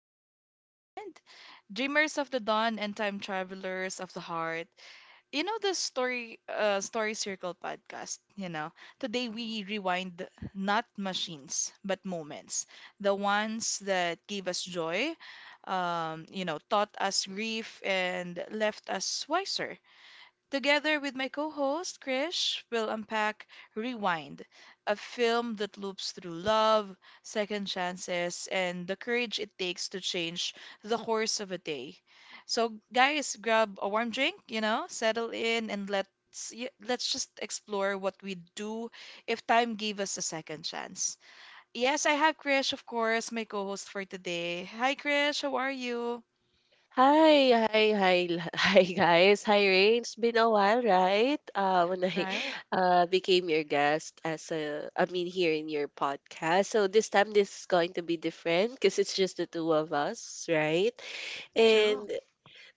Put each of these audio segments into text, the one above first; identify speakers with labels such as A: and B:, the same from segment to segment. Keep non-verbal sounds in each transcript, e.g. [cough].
A: Rain and Beyond. Dreamers of the dawn and time travelers of the heart. You know the story circle podcast. Today we rewind not machines, but moments. The ones that gave us joy, taught us grief and left us wiser. Together with my co host, Krish, we'll unpack Rewind, a film that loops through love, second chances, and the courage it takes to change the course of a day. So, guys, grab a warm drink, settle in, and let's just explore what we would do if time gave us a second chance. Yes, I have Krish, of course, my co host for today. Hi, Krish, how are you?
B: Hi, [laughs] hi guys. Hi Rain. It's been a while, right? When I
A: Right?
B: [laughs] became your guest as I mean here in your podcast. So this time this is going to be different because it's just the two of us, right?
A: True.
B: And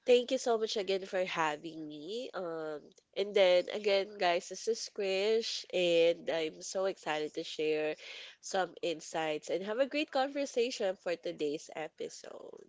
B: thank you so much again for having me. And then again, guys, this is Krish, and I'm so excited to share some insights and have a great conversation for today's episode.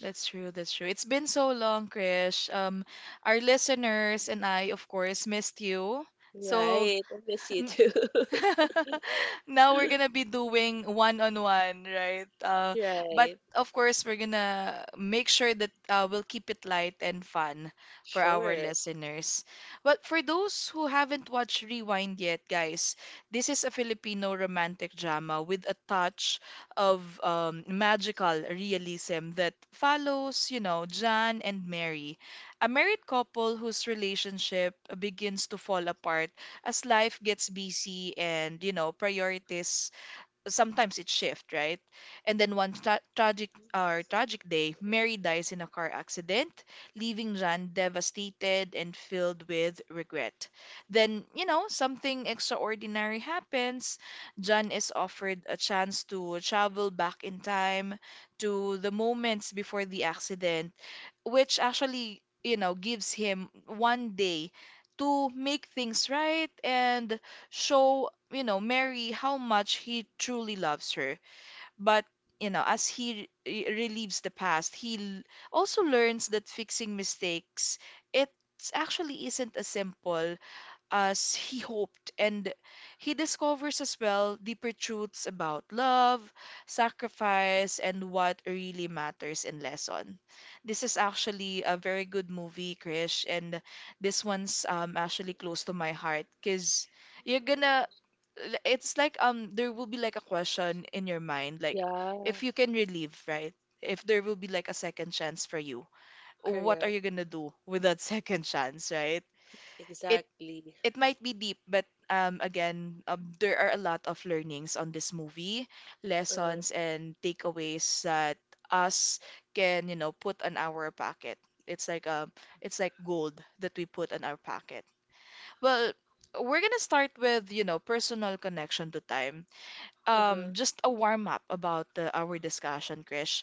A: That's true, that's true. It's been so long, Krish. Our listeners and I, of course, missed you. So.
B: Right. I miss you
A: [laughs]
B: too. [laughs]
A: [laughs] Now we're gonna be doing one-on-one, right? But
B: Right.
A: of course, we're gonna make sure that we'll keep it light and fun for our
B: Sure.
A: listeners. But for those who haven't watched Rewind yet, guys, this is a Filipino romantic drama with a touch of magical realism that follows, John and Mary, a married couple whose relationship begins to fall apart as life gets busy, and priorities sometimes it shift, right? And then one tragic day, Mary dies in a car accident, leaving Jan devastated and filled with regret. Then something extraordinary happens. Jan is offered a chance to travel back in time to the moments before the accident, which actually, gives him one day to make things right and show, Mary how much he truly loves her. But, as he relieves the past, he also learns that fixing mistakes, it actually isn't as simple as he hoped. And he discovers as well deeper truths about love, sacrifice, and what really matters in lesson. This is actually a very good movie, Krish, and this one's actually close to my heart because you're gonna it's like there will be like a question in your mind, like,
B: Yeah,
A: if you can relive, right? If there will be like a second chance for you, what are
B: correct.
A: you gonna do with that [laughs] second chance, right? it
B: Exactly.
A: it might be deep, but again, there are a lot of learnings on this movie,
B: Uh,
A: lessons and takeaways that us can, put on our pocket. It's like um, it's like gold that we put on our pocket. Well, we're gonna start with, personal connection to time.
B: uh-huh.
A: Just a warm up about our discussion, Krish.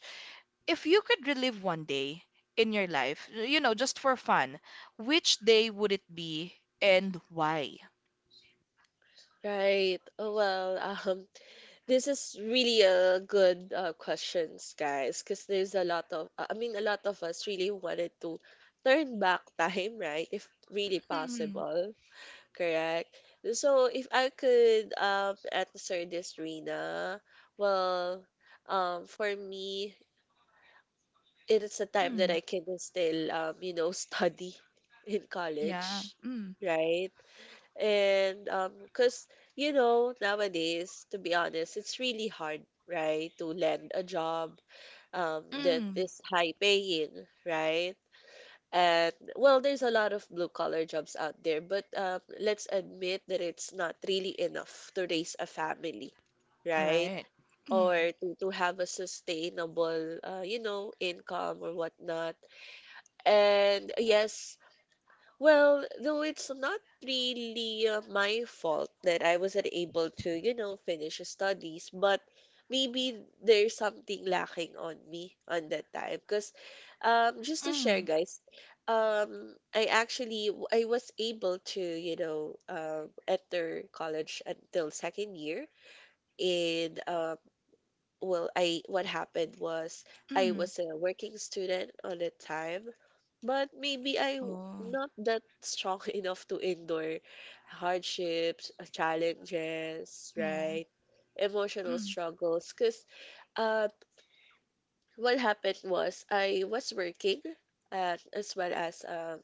A: If you could relive one day in your life, just for fun, which day would it be and why?
B: Right. Oh, this is really a good questions, guys, because there's a lot of, I mean, a lot of us really wanted to turn back time, right? If really
A: Mm,
B: possible. Correct. So if I could answer this, Rina, well, for me, it is a time that
A: mm,
B: I can still you know, [laughs] study in
A: yeah.
B: college,
A: Mm,
B: right? And cause you know, nowadays, to be honest, it's really hard, right, to land a job that
A: mm,
B: is high paying, right? And well, there's a lot of blue collar jobs out there, but let's admit that it's not really enough to raise a family, right?
A: right. Mm,
B: Or to have a sustainable, you know, income or whatnot. And yes, well, though it's not really my fault that I wasn't able to, you know, finish studies, but maybe there's something lacking on me on that time. Because just to share,
A: mm,
B: guys, I actually I was able to, you know, enter college until second year in well I what happened was I
A: mm.
B: was a working student on the time but maybe i
A: Oh,
B: not that strong [laughs] enough to endure hardships challenges
A: yeah.
B: right emotional
A: Mm,
B: struggles because uh, what happened was I was working and as well as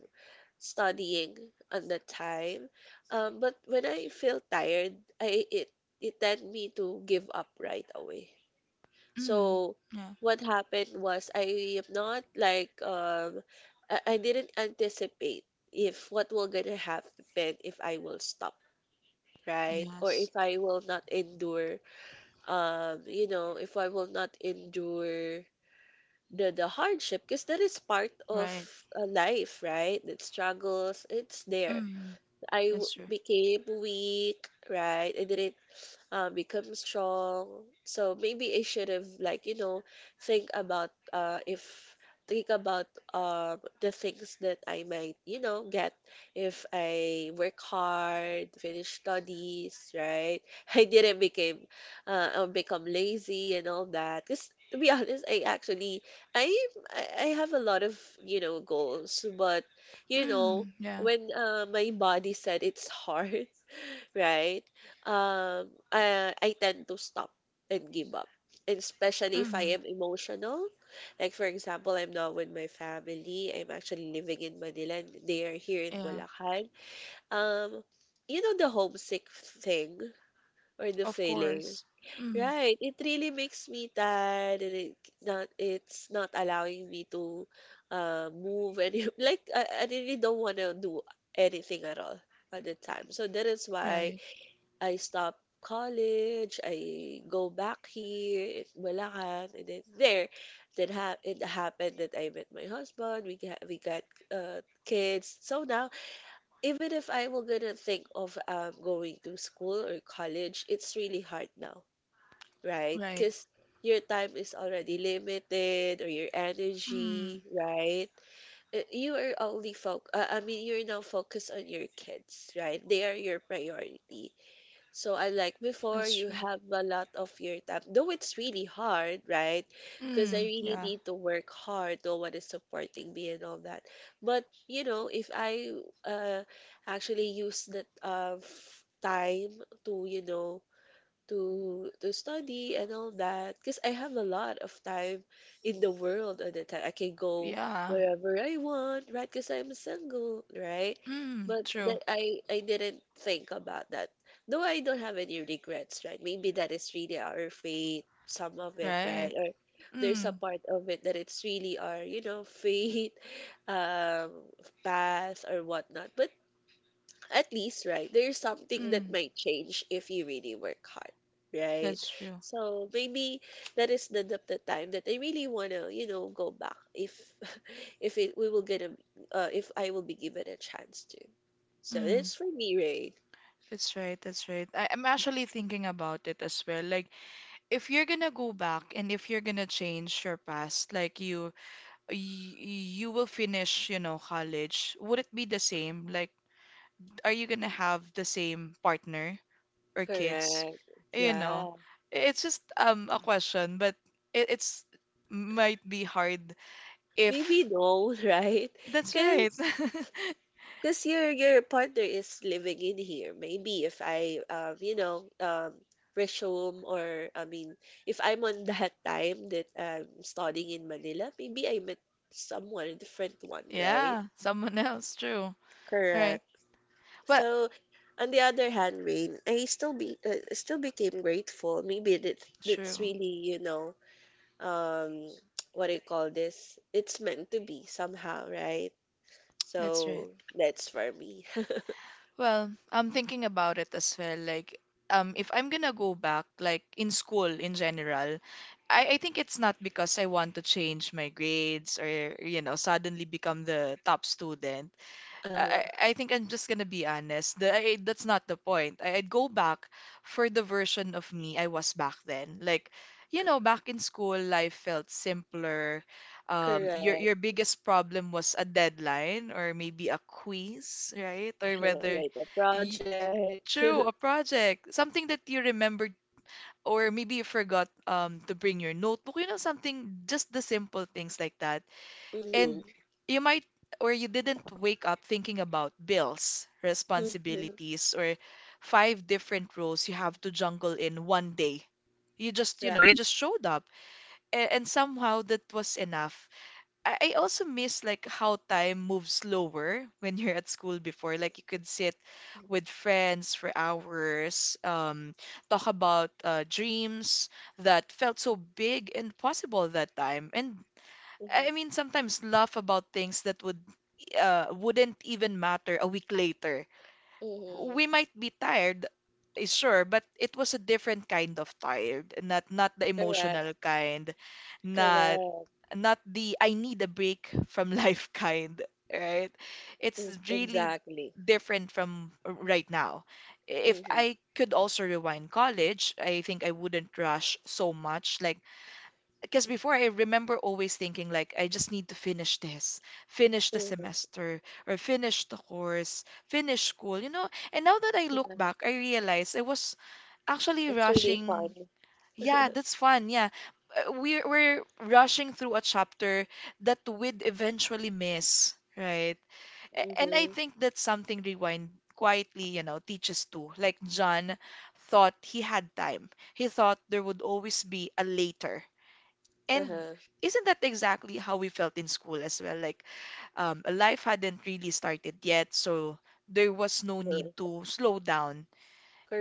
B: studying on the time but when I feel tired I it it tend me to give up right away
A: mm,
B: so
A: yeah.
B: what happened was I am not like I didn't anticipate if what will gonna happen if I will stop, right? Or
A: Yes,
B: if I will not endure you know, if I will not endure the hardship because that is part of
A: right.
B: life, right? The struggles, it's there.
A: Mm,
B: I
A: that's true.
B: became weak, right? I didn't become strong. So maybe I should have like you know think about if think about uh the things that I might you know get if I work hard, finish studies, right? [laughs] I didn't become or become lazy and all that. Cause to be honest, I actually I I have a lot of you know goals, but you know
A: Mm, yeah.
B: when my body said it's [laughs] hard right? I tend to stop and give up, and especially if I
A: Mm,
B: am emotional. Like, for example, I'm not with my family. I'm actually living in Manila, and they are here in
A: yeah.
B: Bulacan. Um, you know, the homesick thing or the
A: Of
B: feeling,
A: course. Mm,
B: right? It really makes me tired, and it's not allowing me to move. And [laughs] like, I really don't want to do anything at all at the time. So that is why
A: right.
B: I stop college. I go back here in Bulacan, and then there, then ha it happened that I met my husband. We got kids. So now, even if I were gonna think of going to school or college, it's really hard now, right?
A: Right.
B: Because your time is already limited or your
A: Mm,
B: energy, right? You are only foc I mean, you're now focused on your kids, right? They are your priority. So I like before
A: that's
B: you
A: true.
B: have a lot of your time, though it's really hard, right? Because I
A: Mm,
B: really
A: yeah.
B: need to work hard. No one is supporting me and all that. But you know, if I uh actually use that time to you know to study and all that because I have a lot of time in the world at the time. I can go
A: Yeah.
B: wherever I want, right? Because I'm single, right?
A: Mm,
B: But
A: true.
B: that I didn't think about that. Though I don't have any regrets, right? Maybe that is really our fate, some of it,
A: Right.
B: right? Or there's
A: Mm,
B: a part of it that it's really our, you know, fate, [laughs] um, path or whatnot. But at least, right, there's something that
A: mm,
B: might change if you really work hard, right?
A: that's true.
B: So maybe that is the time that I really wanna, you know, go back if [laughs] if it we will get a if I will be given a chance to. So
A: Mm.
B: that's for me, Ray.
A: That's right, that's right. I'm actually thinking about it as well. Like, if you're gonna go back and if you're gonna change your past, like you will finish, college, would it be the same? Like, are you gonna have the same partner or kids?
B: Correct.
A: You know,
B: Yeah.
A: it's just a question, but it's might be hard
B: Maybe
A: if.
B: no, [laughs] right?
A: That's right.
B: Because
A: [laughs]
B: Because your partner is living in here. Maybe if I you know resume or I mean if I'm on [laughs] that time that I'm studying in Manila, maybe I met someone, a different one, right?
A: Yeah, someone else, true.
B: Correct.
A: Right. Well,
B: So on the other hand, Rain, I still be still became grateful. Maybe that's
A: true.
B: really you know um [tsk] what do you call this? It's meant to be somehow, right?
A: That's right.
B: So that's for me. [laughs]
A: Well, I'm thinking about it as well. Like, if I'm gonna go back, like in school in general, I think it's not because I want to change my grades or, suddenly become the top student.
B: Uh,
A: I think I'm just gonna be honest. That's not the point. I'd go back for the version of me I was back then. Like, back in school, life felt simpler. Your
B: correct.
A: biggest problem was a deadline or maybe a quiz, right? Or whether,
B: Right, the
A: y
B: project.
A: true, a project, something that you remembered or maybe you forgot to bring your notebook. You know, something just the simple things like that,
B: [laughs] hmm
A: and you might or you didn't wake up thinking about bills,
B: hmm
A: responsibilities, or five different roles you have to jungle in one day. You
B: Right.
A: just, you know, you just showed up, and somehow that was enough. I also miss like how time moves slower [laughs] when you're at school before. Like you could sit with friends for hours, talk about dreams that felt so big and possible that time. And
B: hmm
A: I mean, sometimes laugh about things that wouldn't even matter a week later.
B: hmm
A: We might be tired, sure, but it was a different kind of tired, not the
B: Correct.
A: emotional kind, not
B: Correct.
A: not the I need a break from life [laughs] kind, right? It's really
B: Exactly.
A: different from right now.
B: hmm
A: If I could also rewind college, I think I wouldn't rush so much, like, because before I remember always thinking like I just need to finish this, finish the
B: hmm
A: semester, or finish the course, finish school. And now that I look
B: Yeah,
A: back, I realize I was actually
B: it's really fun.
A: rushing. Yeah, that's fun. Yeah. We're rushing through a chapter that we'd eventually miss, right? And I
B: Hmm
A: think that's something Rewind quietly, teaches too. Like John thought he had time. He thought there would always be a later, and
B: Uh-huh.
A: isn't that exactly how we felt in school as well? Like, life hadn't really started yet, so there was no need
B: Uh-huh.
A: to slow down.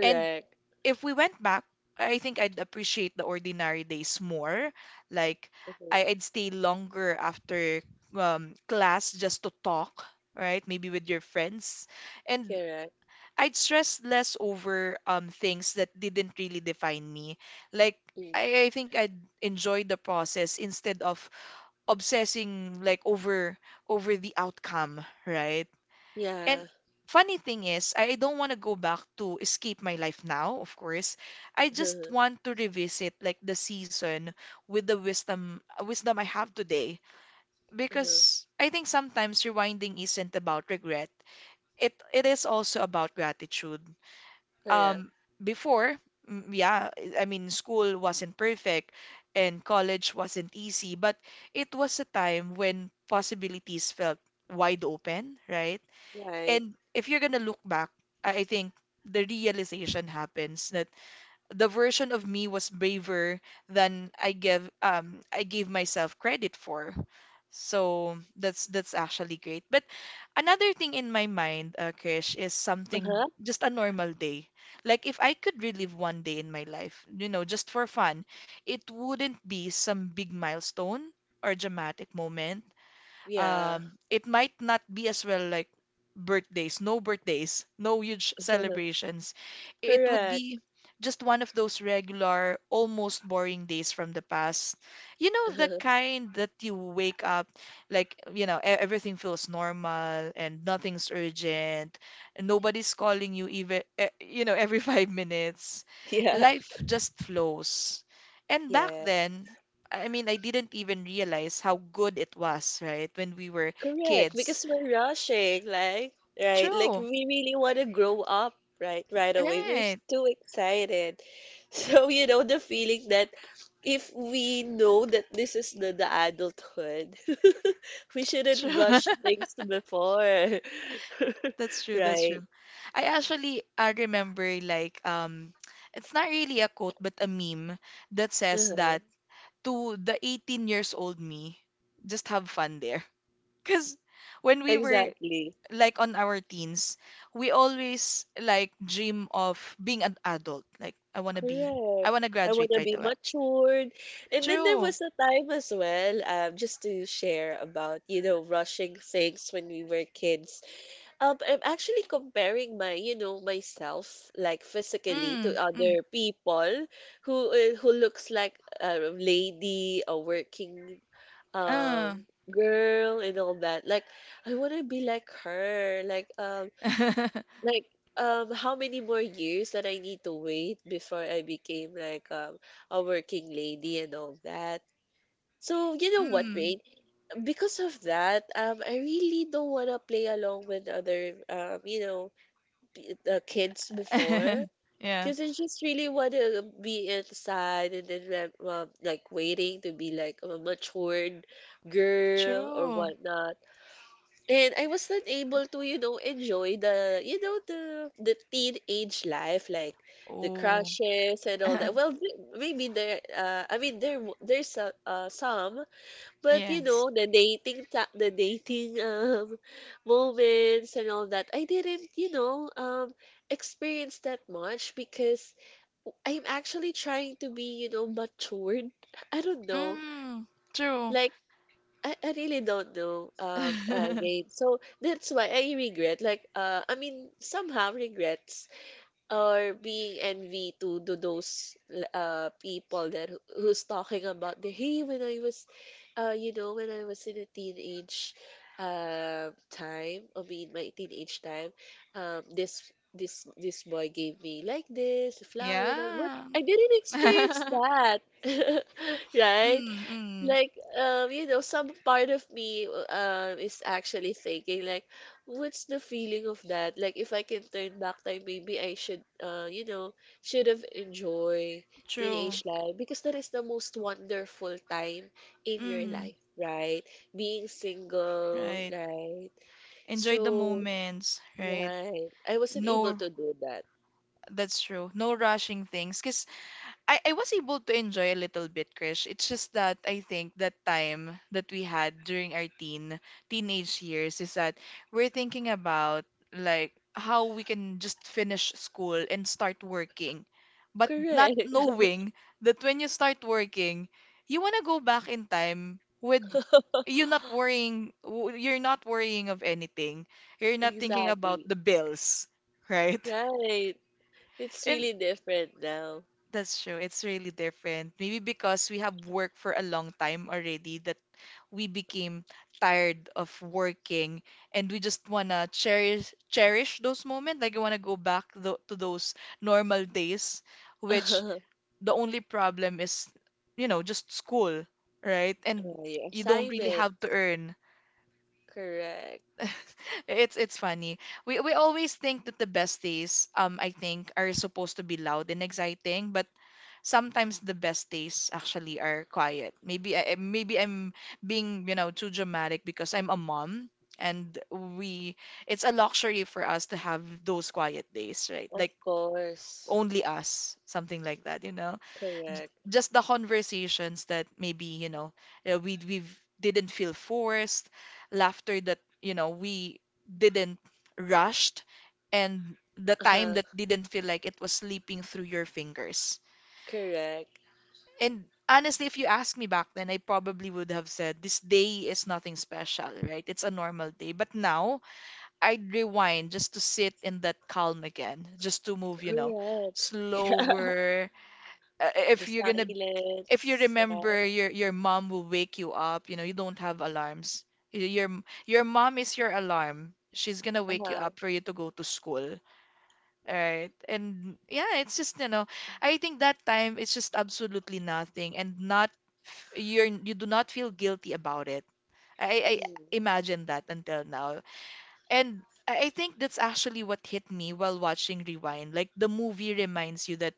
A: And if we went back, I think I'd appreciate the ordinary days more. Like,
B: Uh huh.
A: I'd stay longer after class just to talk, right? Maybe with your friends. And
B: Correct.
A: I'd stress less over things that didn't really define me. Like,
B: Mm
A: I think I'd enjoy the process instead of obsessing like over the outcome, right? And
B: Yeah.
A: funny thing is, I don't want to go back to escape my life now, of course. I just
B: Uh-huh.
A: want to revisit like the season with the wisdom I have today,
B: Uh-huh.
A: because I think sometimes rewinding isn't about regret. It is also about gratitude,
B: Correct.
A: um before. Mm, yeah, I mean, school wasn't perfect and college wasn't easy, but it was a time when possibilities felt wide open, right?
B: Right.
A: And if you're gonna look back, I think the realization happens that the version of me was braver than I gave myself credit for. So that's actually great. But another thing in my mind, Krish, is something
B: Uh-huh.
A: just a normal day. Like if I could relive one day in my life, just for fun, it wouldn't be some big milestone or dramatic moment.
B: Yeah.
A: It might not be as well like birthdays, no huge
B: [laughs]
A: celebrations. It would
B: Correct.
A: be just one of those regular, almost boring days from the past. You know, the
B: [laughs]
A: kind that you wake up, like, everything feels normal and nothing's urgent. And nobody's calling you even, every [laughs] 5 minutes.
B: Yeah.
A: Life just flows. And back
B: Yeah.
A: then, I mean, I didn't even realize how good it was, right? When we were
B: Correct,
A: kids.
B: because we're rushing, like, right? Like,
A: True.
B: we really want to grow up, right? Right away.
A: Right.
B: Too excited. [laughs] So, you know, the feeling that if we know that this is the adulthood, [laughs] we shouldn't
A: True.
B: rush
A: [laughs]
B: things before, [laughs]
A: That's true. That's
B: right?
A: true. I remember like it's not really a quote but a meme that says
B: Uh-huh.
A: that to the 18 years old me, just have fun there. [laughs] Cuz when we were
B: Exactly.
A: like on our teens, we always like dream of being an adult. Like I
B: Correct.
A: want to
B: I want
A: graduate
B: to
A: right
B: be
A: away.
B: matured. And then there
A: True.
B: was a time as well, just to share about, you know, rushing things when we were kids. I'm actually comparing my, you know, myself, like physically
A: Mm,
B: to
A: mm,
B: other people who looks like a lady, a working
A: uh.
B: um girl and all that. Like I want to be like her, like a
A: [laughs]
B: like, how many more years that I need to wait before I became like a working lady and all that. So you know what,
A: Mm.
B: Rain? Because of that, I really don't wanna play along with other, you know, kids before.
A: [laughs] Yeah.
B: Cause I just really wanna be inside and then like waiting to be like a matured girl or
A: True.
B: whatnot. And I was not able to, you know, enjoy the, you know, the teenage life, like the
A: Oh.
B: crushes and all that.
A: [laughs]
B: Well, maybe I mean, there's some, but you
A: Yes.
B: know, the dating [laughs] moments and all that. I didn't, you know, experience that much because I'm actually trying to be, you know, matured. [laughs] I don't know,
A: Mm, true.
B: like I really don't know,
A: [laughs]
B: Jane. So that's why I regret. Like, I mean, somehow regrets or being envy to those people that who's talking about the hey when I was, you know, when I was in a teenage, time. I mean, my teenage time, um, this boy gave me like this a flower and all, but
A: Yeah.
B: I didn't experience
A: [laughs]
B: that, [laughs] right?
A: Mm, mm,
B: Like, you know, some part of me is actually thinking like, what's the feeling of that? Like, if I can turn back time, maybe I should, you know, should have enjoyed
A: true.
B: teenage life because that is the most wonderful time in your
A: Mm,
B: life, right? Being single,
A: right.
B: right?
A: Enjoy the
B: So,
A: moments, right?
B: right, I wasn't able
A: No,
B: to do that.
A: that's true. No rushing things. Because I was able to enjoy a little bit, Krish. It's just that I think that time that we had during our teenage years is that we're thinking about like how we can just finish school and start working, but not
B: Correct.
A: knowing that when you start working, you wanna go back in time with you
B: [laughs]
A: not worrying, you're not worrying of anything. You're not thinking about
B: Exactly.
A: the bills, right? [laughs]
B: Right. It's
A: And
B: really different now.
A: that's true. It's really different. Maybe because we have worked for a long time already that we became tired of working, and we just wanna cherish those moments. Like we wanna go back tho to those normal days, which
B: [laughs]
A: the only problem is, just school, right? And
B: Oh, your
A: you don't really
B: assignment.
A: have to earn.
B: Correct.
A: [laughs] It's funny. We always think that the best days, I think, are supposed to be loud and exciting, but sometimes the best days actually are quiet. Maybe I'm being, too dramatic because I'm a mom, and we it's a luxury for us to have those quiet days, right?
B: Of
A: Like
B: course.
A: only us, something like that, you know.
B: Correct.
A: Just the conversations that maybe, you know, we didn't feel forced, laughter that, we didn't rushed, and the time
B: Uh-huh.
A: that didn't feel like it was slipping through your fingers.
B: Correct.
A: And honestly, if you asked me back then, I probably would have said this day is nothing special, right? It's a normal day. But now I'd rewind just to sit in that calm again, just to move,
B: Correct. [laughs] Yeah.
A: slower. Uh,
B: The
A: If you're gonna, if you
B: silence, right?
A: remember, your mom will wake you up. You know, you don't have alarms. Y- Your your mom is your alarm. She's gonna wake you
B: Uh-huh.
A: up for you to go to school. Right. And yeah, it's just, I think that time it's just absolutely nothing, and not f- you're you do not feel guilty about it. I
B: Mm.
A: imagine that until now. And I think that's actually what hit me while watching Rewind. Like, the movie reminds you that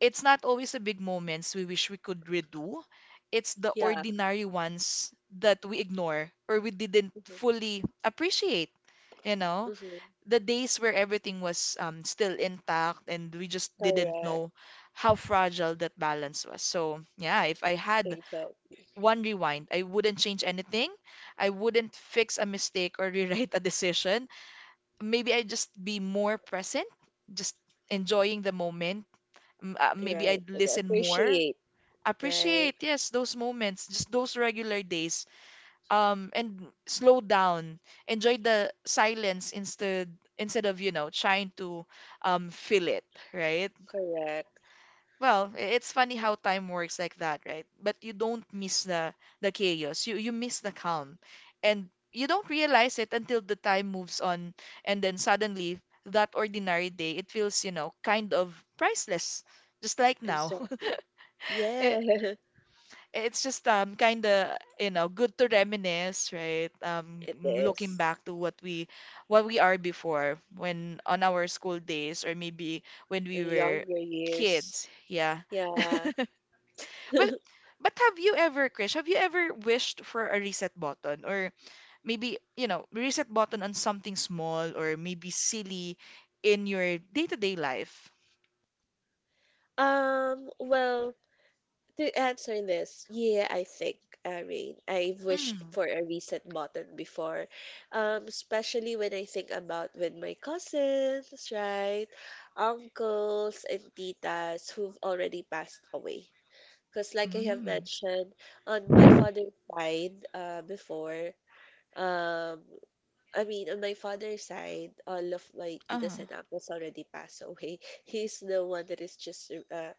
A: it's not always the big moments we wish we could redo. It's the
B: Yeah.
A: ordinary ones that we ignore or we didn't
B: Mm-hmm.
A: fully appreciate, you know?
B: Mm-hmm.
A: The days where everything was still intact and we just didn't
B: Correct.
A: know how fragile that balance was. So, yeah, if I had
B: Exactly.
A: one rewind, I wouldn't change anything. I wouldn't fix a mistake or [laughs] rewrite a decision. Maybe I'd just be more present, just enjoying the moment. Maybe
B: Right.
A: I'd
B: And
A: listen more,
B: appreciate, right?
A: appreciate, yes, those moments, just those regular days, and slow down, enjoy the silence instead, instead of, trying to fill it, right?
B: Correct.
A: It's funny how time works like that, right? But you don't miss the chaos, you miss the calm. And you don't realize it until the time moves on, and then suddenly that ordinary day, it feels, you know, kind of priceless, just like now. [laughs]
B: Exactly.
A: Eh,
B: Yeah, [laughs]
A: it's just kind of, you know, good to reminisce, right?
B: it
A: Looking
B: is.
A: back to what we, what we are before when on our school days, or maybe when we
B: In
A: were
B: younger years.
A: kids, yeah.
B: Yeah.
A: Well,
B: [laughs]
A: but have you ever, Krish, have you ever wished for a reset button, or maybe, you know, reset button on something small or maybe silly in your day-to-day life?
B: Um, well, to answer this, yeah, I think, Rain, I've wished
A: Mm.
B: for a reset button before, especially when I think about with my cousins, right, uncles and titas who've already passed away. Because, like I have
A: Mm.
B: mentioned, on my father's side, before, um, I mean, on my father's side, all of my titas
A: uh
B: and uncles already passed away. [laughs] He's the one that is just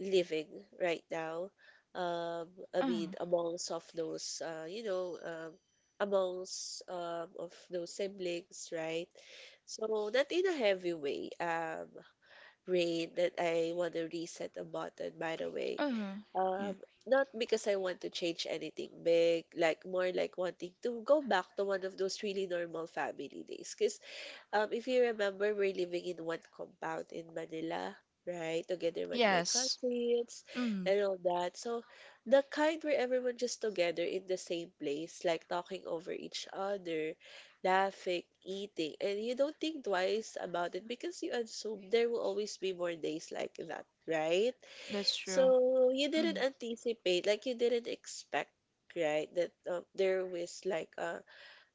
B: living right now. Um, I mean,
A: uh
B: amongst of those, you know, amongst of those siblings, right? So not in a heavy way, Rain, that I want to reset the button, by the way.
A: uh yeah.
B: Um, not because I want to change anything big, like more like wanting to go back to one of those really normal family days. Because if you remember, we're living in one compound in Manila, right? Together with my
A: Yes.
B: cousins
A: Mm.
B: and all that. So the kind where everyone just together in the same place, like talking over each other, laughing, eating, and you don't think twice about it because you assume there will always be more days like that, right?
A: That's true.
B: So you didn't
A: Mm,
B: anticipate, like you didn't expect, right? That there was like a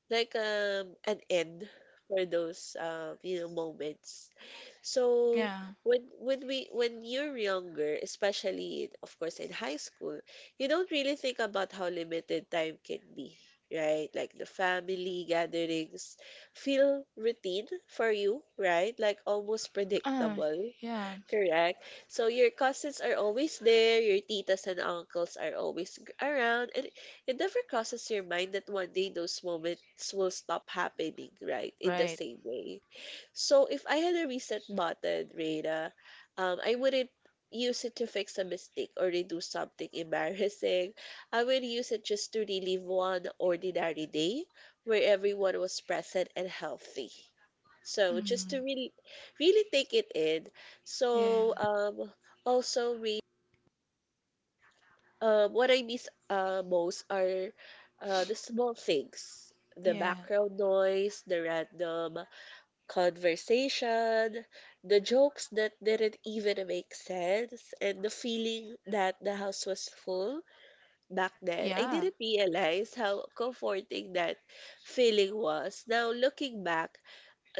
B: like an end for those moments. So
A: yeah.
B: when you're younger, especially of course in high school, you don't really think about how limited time can be, right? Like the family gatherings feel routine for you, right? Like almost
A: Uh,
B: predictable.
A: yeah.
B: Correct. So your cousins are always there, your titas and uncles are always around, and it never crosses your mind that one day those moments will stop happening, right? In the
A: Right.
B: same way. So if I had a reset button, Rada, I wouldn't use it to fix a mistake or redo something embarrassing. [laughs] I would use it just to relive one ordinary day where everyone was present and healthy. So just to
A: Mm,
B: really, really take it in so
A: yeah.
B: also we what I miss most are the small things, the
A: Yeah.
B: background noise, the random conversation, the jokes that didn't even make sense, and the feeling that the house was full back then. I
A: Yeah.
B: didn't realize how comforting that feeling was. Now looking back,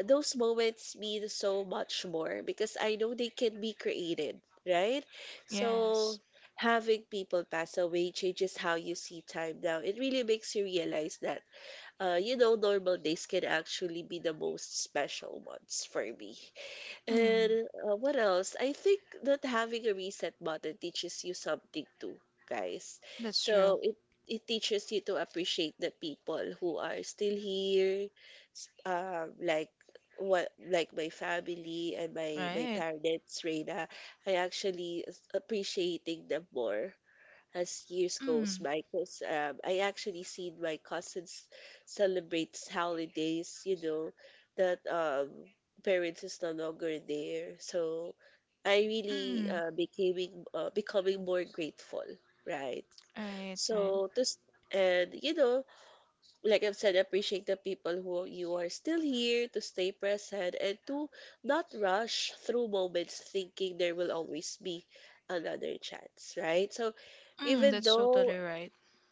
B: those moments mean so much more because I know they can be created, right? So
A: Yes.
B: having people pass away changes how you see time now. It really makes you realize that, normal days can actually be the most special ones for me.
A: Mm,
B: And what else? I think that having a reset button teaches you something too, guys.
A: that's true.
B: So it teaches you to appreciate the people who are still here, like what like my family and my
A: Right.
B: parents, Reina. I actually appreciating them more as years goes
A: Mm.
B: by because I actually seen my cousins celebrate holidays, you know, that parents is no longer there. So I really
A: mm,
B: becoming more grateful, right?
A: right, right.
B: So and you know, like I've said, appreciate the people who you are still here to stay present and to not rush through moments thinking there will always be another chance, right? So
A: Mm,
B: even
A: that's
B: though
A: totally right.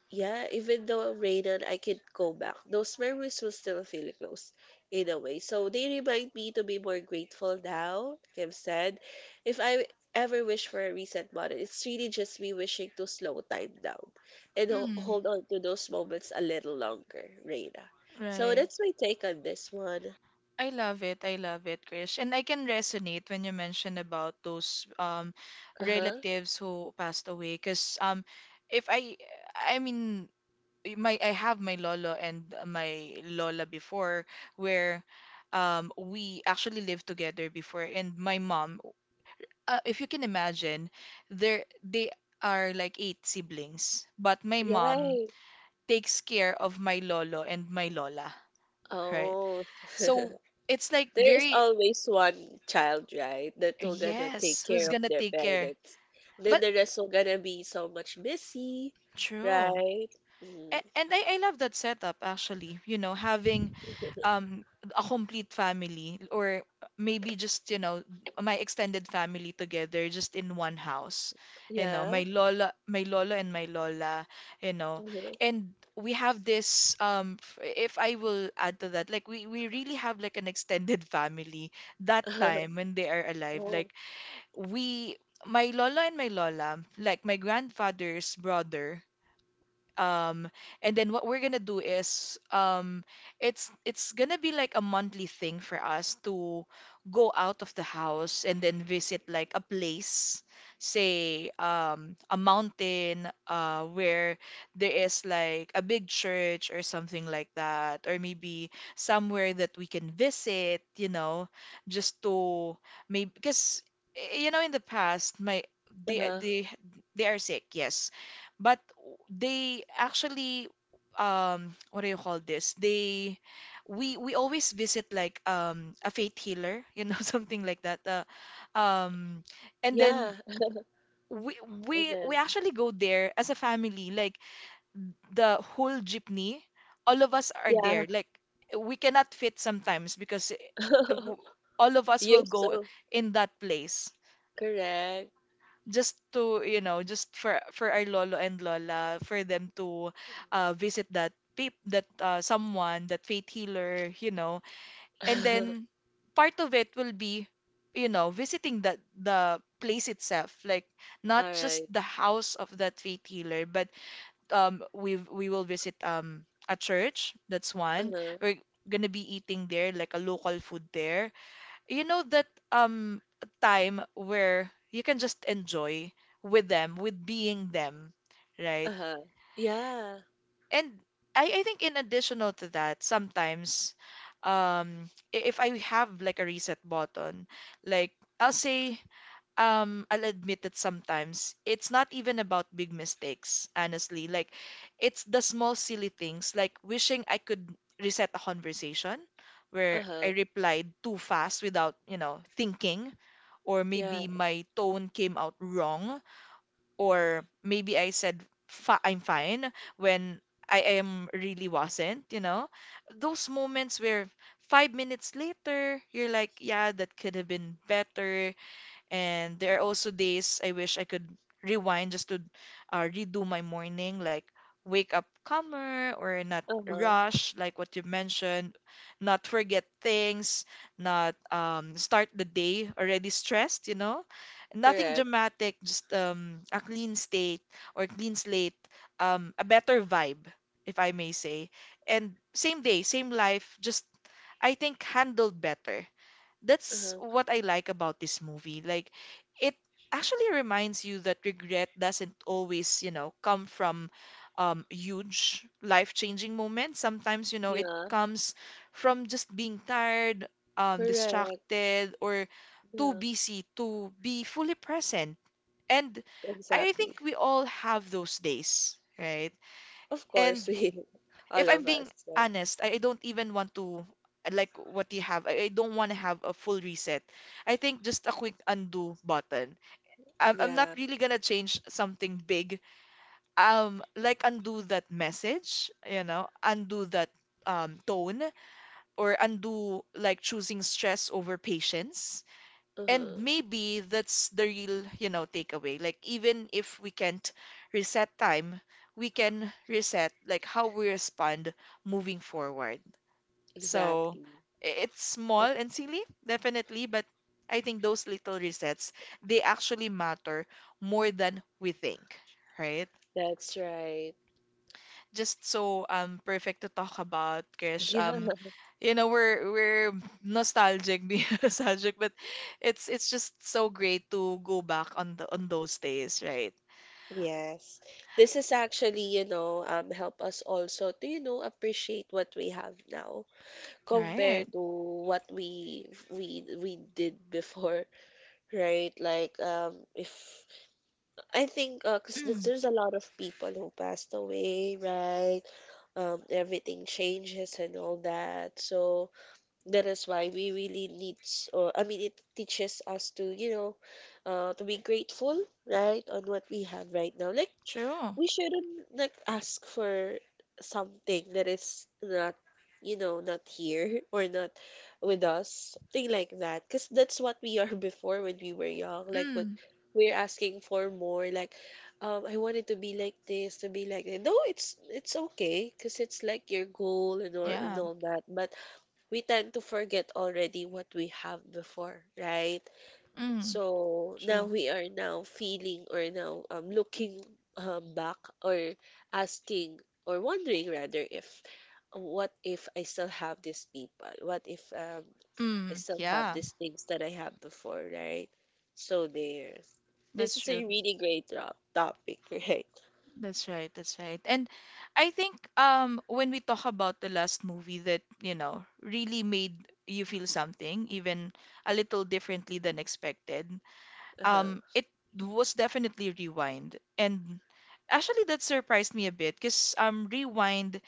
B: yeah, even though I'm rated, I could go back. Those memories will still feel close in a way. So they remind me to be more grateful now, Kim said. If I ever wish for a reset button, it's really just me wishing to slow time down and
A: Mm,
B: hold on to those moments a little longer, Reina. So
A: right.
B: that's my take on this one.
A: I love it. I love it, Krish. And I can resonate when you mention about those
B: Uh huh.
A: relatives who passed away. Because if I, I mean, my I have my lolo and my lola before, where we actually lived together before. And my mom, if you can imagine, there they are like eight siblings, but my mom
B: Right.
A: takes care of my lolo and my lola, right?
B: Oh. [laughs]
A: So
B: There
A: it's like
B: is
A: very—
B: always one child, right, that will gonna take
A: yes, who's
B: care of
A: gonna
B: their
A: take care.
B: parents. Then
A: But
B: the rest will gonna be so much busy,
A: true.
B: right? Mm,
A: I love that setup, actually, you know, having um a complete family, or maybe, just you know, my extended family together just in one house, you know.
B: yeah.
A: My lola, my lola, and my lola, you know.
B: Hmm.
A: And we have this if I will add to that, like we really have like an extended [laughs] family that
B: [laughs]
A: time when they are alive,
B: Oh,
A: like— we, my lola and my lola, like my grandfather's brother, um and then what we're gonna do is, it's gonna be like a monthly thing for us to go out of the house and then visit like a place, say a mountain, uh, where there is like a big church or something like that, or maybe somewhere that we can visit, you know, just to— maybe because, you know, in the past, my— they
B: uh-huh.
A: they they are sick, yes, but they actually, what do you call this? They— we always visit like a faith healer, you know, [laughs] something like that. Um and
B: Yeah.
A: then
B: [laughs]
A: we,
B: And
A: we
B: then,
A: actually go there as a family, like the whole jeepney, all of us are
B: yeah.
A: there. Like, we cannot fit sometimes because
B: [laughs]
A: all of us
B: You're
A: will go
B: so
A: in that place
B: correct.
A: just to, you know, just for our lolo and lola, for them to, visit that someone, that faith healer, you know. And then
B: [laughs]
A: part of it will be, you know, visiting that, the place itself, like
B: All
A: not just
B: right.
A: the house of that faith healer, but we will visit a church, that's one.
B: Uh-huh.
A: We're gonna be eating there, like a local food there, you know, that time where you can just enjoy with them, with being them, right?
B: Uh-huh. Yeah.
A: And I think in additional to that, sometimes, um if I have like a reset button, like, I'll say, I'll admit that sometimes it's not even about big mistakes, honestly. Like, it's the small silly things, like wishing I could reset a conversation where I
B: Uh-huh.
A: replied too fast without, you know, thinking, or
B: Yeah.
A: maybe my tone came out wrong, or maybe I said Fi I'm fine when I am really wasn't, you know? Those moments where 5 minutes later, you're like, yeah, that could have been better. And there are also days I wish I could rewind just to, redo my morning, like wake up calmer, or not
B: Uh-huh.
A: rush, like what you mentioned, not forget things, not, start the day already stressed, you know? Nothing
B: Correct.
A: dramatic, just, a clean state, or clean slate, a better vibe, if I may say. And same day, same life, just, I think, handled better. That's
B: Uh-huh.
A: what I like about this movie. Like, it actually reminds you that regret doesn't always, you know, come from, huge life-changing moments. Sometimes, you know, it
B: Yeah.
A: comes from just being tired,
B: Correct.
A: distracted, or too
B: Yeah.
A: busy to be fully present. And I
B: Exactly.
A: think we all have those days, right?
B: Of
A: And
B: course, we, [laughs]
A: if
B: all
A: I'm
B: of
A: being
B: us, right?
A: honest, I don't even want to, like what you have. I don't want to have a full reset. I think just a quick undo button. I'm not
B: Yeah.
A: really gonna change something big. Like undo that message, you know, undo that, tone, or undo like choosing stress over patience. And
B: Uh-huh.
A: maybe that's the real, you know, takeaway. Like, even if we can't reset time, we can reset, like, how we respond moving forward. So,
B: Exactly.
A: it's small
B: That,
A: and silly, definitely, but I think those little resets, they actually matter more than we think, right?
B: that's right.
A: Just so perfect to talk about, Krish.
B: Yeah.
A: You know, we're nostalgic, [laughs] being nostalgic, but it's just so great to go back on the, on those days, right?
B: Yes. This is actually, you know, help us also to, you know, appreciate what we have now
A: Right.
B: compared to what we did before, [laughs] right? Like, if I think, 'cause there's
A: Mm,
B: there's a lot of people who passed away, right? Everything changes and all that. So, that is why we really needs, or I mean, it teaches us to, you know, to be grateful, right, on what we have right now. Like
A: true.
B: we shouldn't like ask for something that is not, you know, not here [laughs] or not with us, something like that. Because that's what we are [laughs] before when we were young. Like what
A: Mm,
B: we're asking for more. Like, I wanted to be like this, to be like that. No, it's okay, because it's like your goal and or and
A: yeah.
B: all that, but we tend to forget already what we have before, right?
A: Mm,
B: So now
A: true.
B: we are now feeling or now looking back or asking or wondering rather if what if I still have these people? What if I
A: Mm,
B: still have
A: yeah.
B: these things that I have before, right? So there. This
A: That's
B: is
A: true.
B: a really great topic, [laughs] right?
A: That's right, that's right. And I think, when we talk about the last movie that, you know, really made you feel something, even a little differently than expected,
B: Uh-huh.
A: it was definitely Rewind. And actually that surprised me a bit, because Rewind,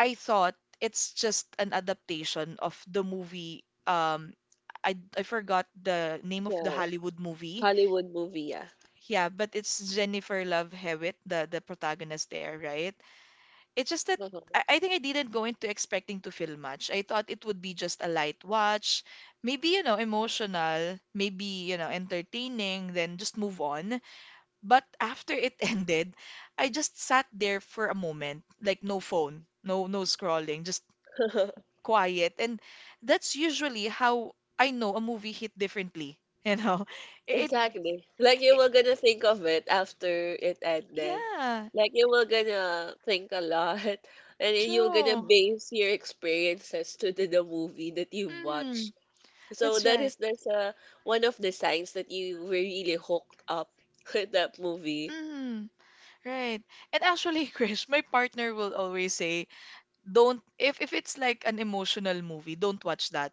A: I thought it's just an adaptation of the movie, I forgot the name of the
B: The
A: Hollywood movie.
B: Hollywood movie, yeah.
A: Yeah, but it's Jennifer Love Hewitt, the protagonist there, right? It's just that
B: Uh-huh.
A: I think I didn't go into expecting to feel much. I thought it would be just a light watch, maybe, you know, emotional, maybe, you know, entertaining, then just move on. But after it [laughs] ended, I just sat there for a moment, like no phone, no, no scrolling, just
B: [laughs]
A: quiet. And that's usually how I know a movie hit differently, you know. [laughs] It
B: Exactly. Like you were gonna think of it after it ended.
A: yeah,
B: Like you were gonna think a lot [laughs] and you were gonna
A: true.
B: base your experiences to the movie that you watched.
A: Mm,
B: So
A: that's
B: that is
A: right.
B: that's one of the signs that you were really hooked up [laughs] with that movie.
A: Mm. Right. And actually, [laughs] Krish, my partner will always say, don't, if it's like an emotional movie, don't watch that.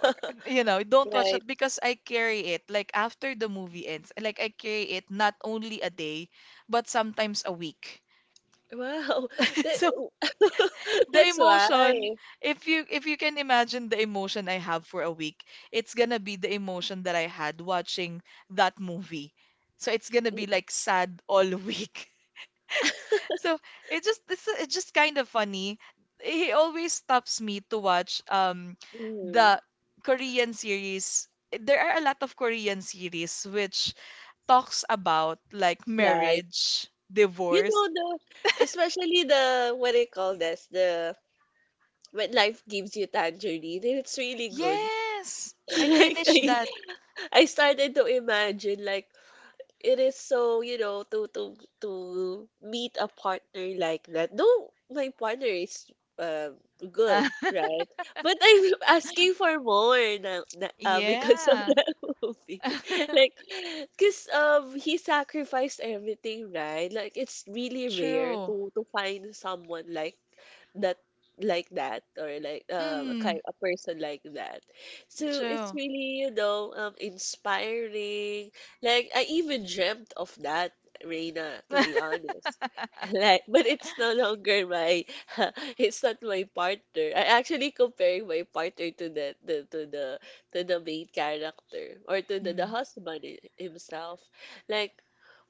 A: Or, you know, don't watch
B: Right.
A: that, because I carry it. Like, after the movie ends, like, I carry it not only a day, but sometimes a week.
B: Wow.
A: [laughs]
B: That,
A: So
B: [laughs]
A: the
B: that's why.
A: emotion, if you, if you can imagine the emotion I have for a week, it's gonna be the emotion that I had watching that movie. So it's gonna be like sad all [laughs] week. So it just this, it's just kind of funny. He always stops me to watch,
B: Mm.
A: the Korean series. There are a lot of Korean series which talks about like
B: Like,
A: marriage,
B: you
A: divorce.
B: know the especially the what do you call this? The when life gives you tangerine and it's really good,
A: Yes,
B: [laughs]
A: I
B: like
A: finished that.
B: I started to imagine like it is so you know to meet a partner like that. No, my partner is um good,
A: [laughs]
B: right? But I'm [laughs] asking for more now, na [laughs] because of
A: Yeah,
B: that [laughs] movie, [laughs]
A: [laughs]
B: like because he sacrificed everything, right? Like it's really rare
A: true.
B: to find someone like that like that, or like a
A: Mm,
B: kind a person like that. So it's
A: true.
B: really, you know, inspiring. Like I even dreamt of that, Reina, to be honest. [laughs]
A: [laughs]
B: Like but it's no longer my [laughs] it's not my partner. I actually comparing my partner to the main character, or to the
A: Mm.
B: husband himself. Like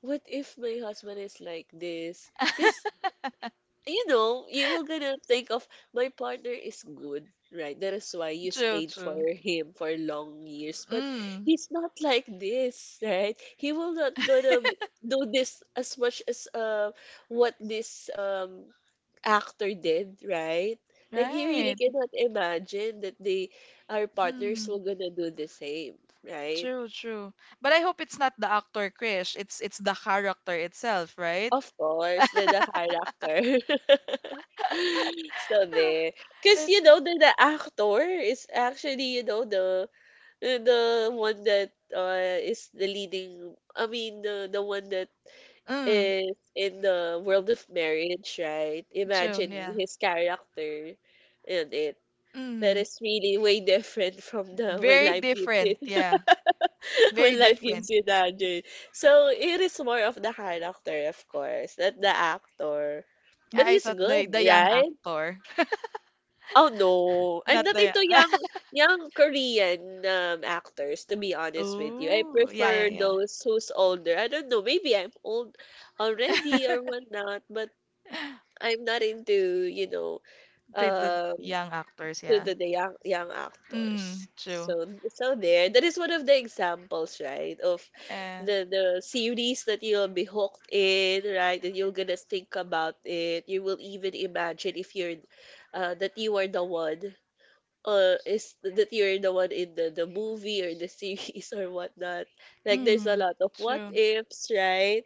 B: what if my husband is like this? Because
A: [laughs]
B: you know, you will gonna think of my partner is good, right? That is why you
A: True,
B: stayed for
A: true.
B: him for long years. But
A: Mm,
B: he's not like this, right? He will not gonna do this as much as what this actor did, right? Like you really
A: right.
B: cannot imagine that they our partners
A: Mm.
B: will gonna do the same, right?
A: True, true. But I hope it's not the actor, Krish. It's the character itself, right?
B: Of
A: [laughs]
B: course, the character. [laughs] So there, because you
A: It's,
B: know the actor is actually, you know, the one that is the leading. I mean the one that
A: mm,
B: is in the world of marriage, right?
A: true,
B: Imagine
A: yeah.
B: his character in it. That
A: Mm.
B: is really way different from the when
A: Very
B: life gives you.
A: different, yeah.
B: [laughs]
A: Very
B: When life gives
A: different.
B: you tangerine. So it is more of the character, of course, not the actor. But
A: I
B: he's
A: thought the
B: good,
A: the young
B: right?
A: actor,
B: Oh no,
A: [laughs]
B: I'm
A: not
B: not
A: the
B: into
A: [laughs]
B: young Korean actors. To be honest with you, I
A: Ooh, yeah, yeah,
B: prefer
A: yeah.
B: those who's older. I don't know, maybe I'm old already or whatnot, but
A: [laughs]
B: I'm not into you know
A: The
B: um
A: young actors,
B: to
A: yeah.
B: the young young actors.
A: Mm, true.
B: So so there, that is one of the examples, right, of
A: Uh,
B: the series that you'll be hooked in, right? That you're gonna think about it. You will even imagine if you're, that you are the one, is that you're the one in the movie or the [laughs] series or whatnot. Like there's a
A: mm,
B: lot of what
A: true.
B: ifs, right?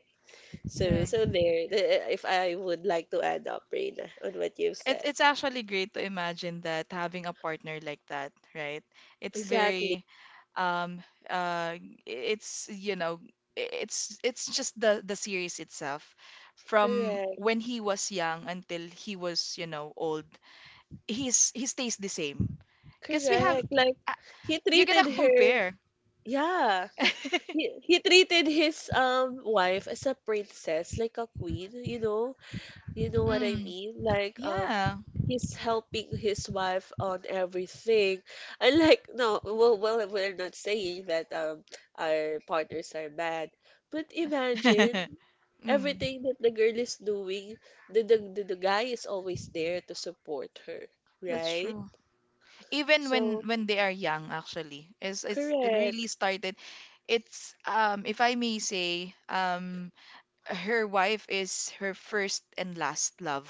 B: So
A: Right.
B: so there, if I would like to add up, Reina, on what you've
A: It's
B: said.
A: it's actually great to imagine that having a partner like that, right? It's
B: Exactly.
A: very um uh it's you know it's just the series itself from
B: Correct.
A: when he was young until he was old. He stays the same because we have
B: Correct. Like
A: uh,
B: he
A: you're
B: treated
A: gonna
B: her,
A: compare
B: yeah. He
A: [laughs]
B: he treated his wife as a princess, like a queen, you know? You know what I
A: mm,
B: mean? Like
A: yeah
B: he's helping his wife on everything. I like no, well we're not saying that our partners are bad. But imagine
A: [laughs] mm,
B: everything that the girl is doing, the guy is always there to support her,
A: that's
B: right?
A: true even when
B: So
A: when they are young actually is it's it
B: correct.
A: really started. It's, if I may say, her wife is her first and last love.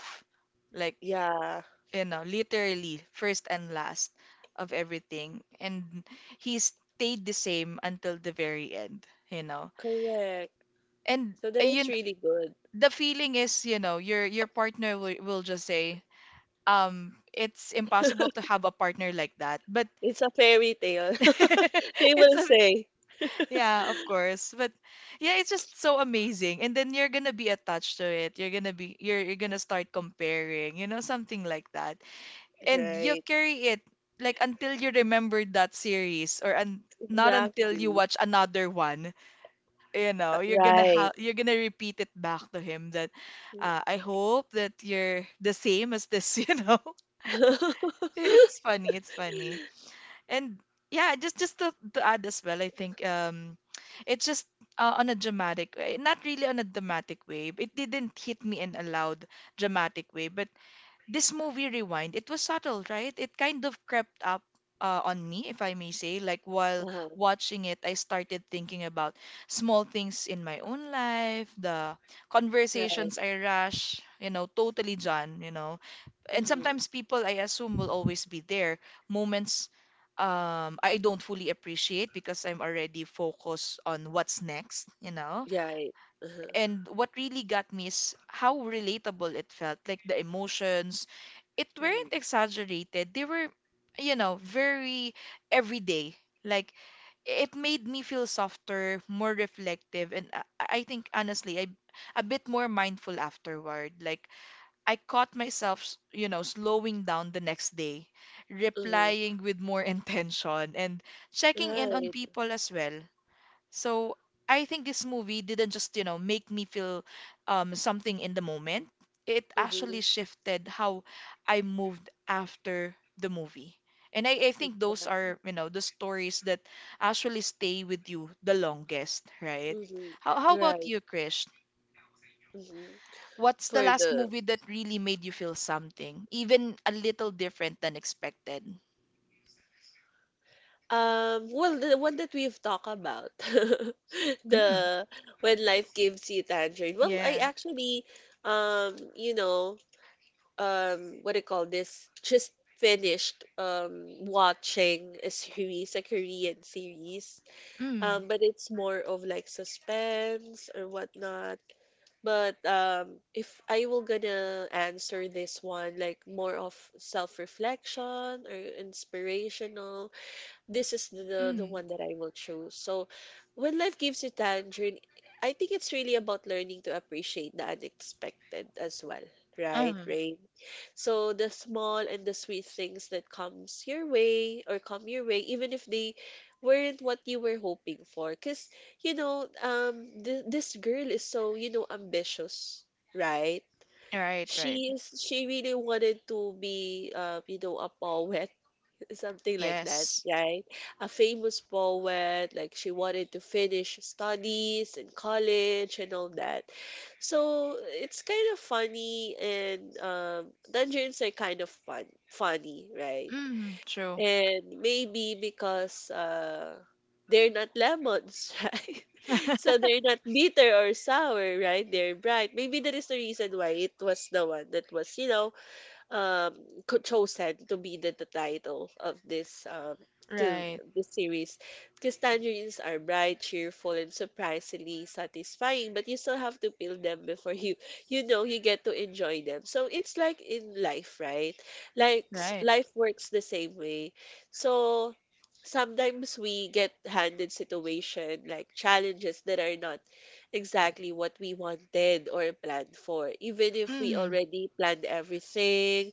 A: Like,
B: Yeah,
A: you know, literally first and last of everything. And he stayed the same until the very end, you know.
B: correct.
A: And
B: So that is
A: you
B: really good.
A: the feeling is, you know, your partner will, just say, it's impossible to have a partner like that. But
B: It's a fairy tale. [laughs] They
A: [laughs] it's
B: will
A: a—
B: say.
A: Yeah, of course. But yeah, it's just so amazing. And then you're gonna be attached to it. You're gonna start comparing, you know, something like that. And you
B: Right.
A: carry it like until you remember that series or un not until you
B: Exactly.
A: watch another one. You know,
B: Right.
A: you're gonna repeat it back to him that I hope that you're the same as this, [laughs] you know. It's
B: [laughs]
A: funny, it's funny. And yeah, just to add as well, I think, it's just— on a dramatic way not really on a dramatic way, it didn't hit me in a loud dramatic way, but this movie Rewind, it was subtle, right? It kind of crept up, on me, if I may say. Like while
B: Uh-huh.
A: watching it, I started thinking about small things in my own life, the
B: Right.
A: conversations I rush, you know totally john you know and
B: Mm-hmm.
A: sometimes people I assume will always be there, moments I don't fully appreciate because I'm already focused on what's next, you know.
B: Right. Uh-huh.
A: And what really got me is how relatable it felt, like the emotions. It weren't
B: Mm-hmm.
A: exaggerated. They were, you know, very everyday. Like it made me feel softer, more reflective, and I think honestly, I a bit more mindful afterward. Like I caught myself, you know, slowing down the next day,
B: Mm-hmm.
A: replying with more [laughs] intention, and checking in on
B: Right.
A: people as well. So I think this movie didn't just, you know, make me feel something in the moment. It
B: Mm-hmm.
A: actually shifted how I moved after the movie. And I think those
B: Exactly.
A: are, you know, the stories that actually stay with you the longest, right?
B: Mm-hmm.
A: How about
B: Right.
A: you, Krish?
B: Mm-hmm.
A: What's the
B: For
A: last
B: the
A: movie that really made you feel something, even a little different than expected?
B: Well, the one that we've talked about, [laughs]
A: Mm,
B: the when life gives you tangerine. Well, I
A: yeah.
B: actually, um, you know, what do you call this? Just finished watching a series, a Korean series.
A: Mm,
B: But it's more of like suspense or whatnot. But if I will gonna answer this one, like more of self-reflection or inspirational, this is the
A: mm,
B: one that I will choose. So, when life gives you tangerine, I think it's really about learning to appreciate the unexpected as well, right,
A: um,
B: Rain? So the small and the sweet things that comes your way or come your way, even if they weren't what you were hoping for, because you know, this girl is so you know ambitious, right?
A: right, right.
B: She really wanted to be, a poet, something like that,
A: Yes.
B: right? A famous poet, like she wanted to finish studies in college and all that. So it's kind of funny, and dungeons are kind of funny, right?
A: Mm, true.
B: And maybe because they're not lemons, [laughs] right? So they're
A: [laughs]
B: not bitter or sour, right? They're bright. Maybe that is the reason why it was the one that was, um chosen to be the title of to
A: Right,
B: this series, because tangerines are bright, cheerful, and surprisingly satisfying, but you still have to peel them before you get to enjoy them. So it's like in life, right?
A: right.
B: Life works the same way. So sometimes we get handed situation like challenges that are not exactly what we wanted or planned for, even if we
A: Mm,
B: already planned everything,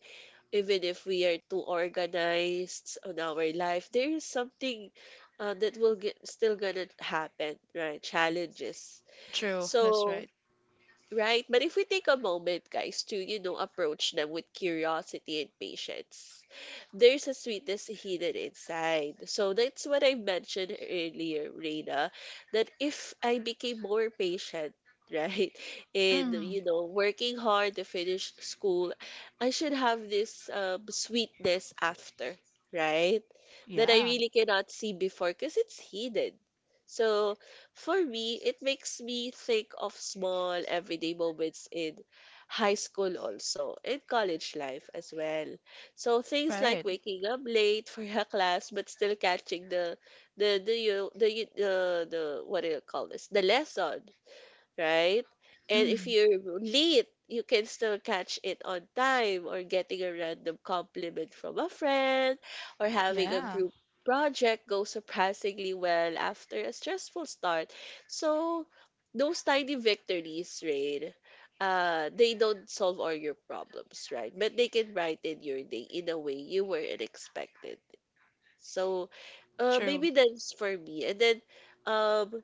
B: even if we are too organized on our life. There is something, that will get still gonna happen, right? Challenges.
A: true. That's
B: So,
A: right.
B: right? But if we take a moment, guys, to, you know, approach them with curiosity and patience, there's a sweetness hidden inside. So that's what I mentioned earlier, Reina, that if I became more patient, right, [laughs] and,
A: Mm,
B: you know, working hard to finish school, I should have this sweetness after, right? That I
A: yeah,
B: really cannot see before because it's hidden. So, for me, it makes me think of small everyday moments in high school also, in college life as well. So things like
A: right.
B: waking up late for a class but still catching the the what do you call this? The lesson, right? And if
A: Mm,
B: you're late, you can still catch it on time, or getting a random compliment from a friend, or having a
A: yeah,
B: group project go surprisingly well after a stressful start. So those tiny victories, Rain, they don't solve all your problems, right? But they can brighten your day in a way you weren't expected. So,
A: true.
B: maybe that's for me. And then um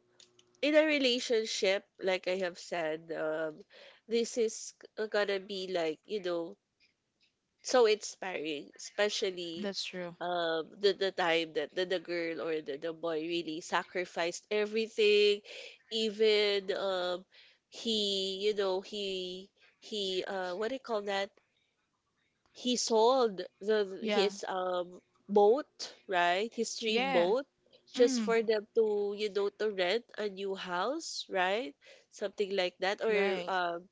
B: in a relationship, like I have said, this is gonna be like, you know, so inspiring, especially
A: That's true.
B: the time that the girl or the boy really sacrificed everything, even he, you know, he, what do you call that? He sold the
A: Yeah,
B: his boat, right? His dream
A: yeah.
B: boat, just
A: Mm,
B: for them to, you know, to rent a new house, right? Something like that, or
A: right.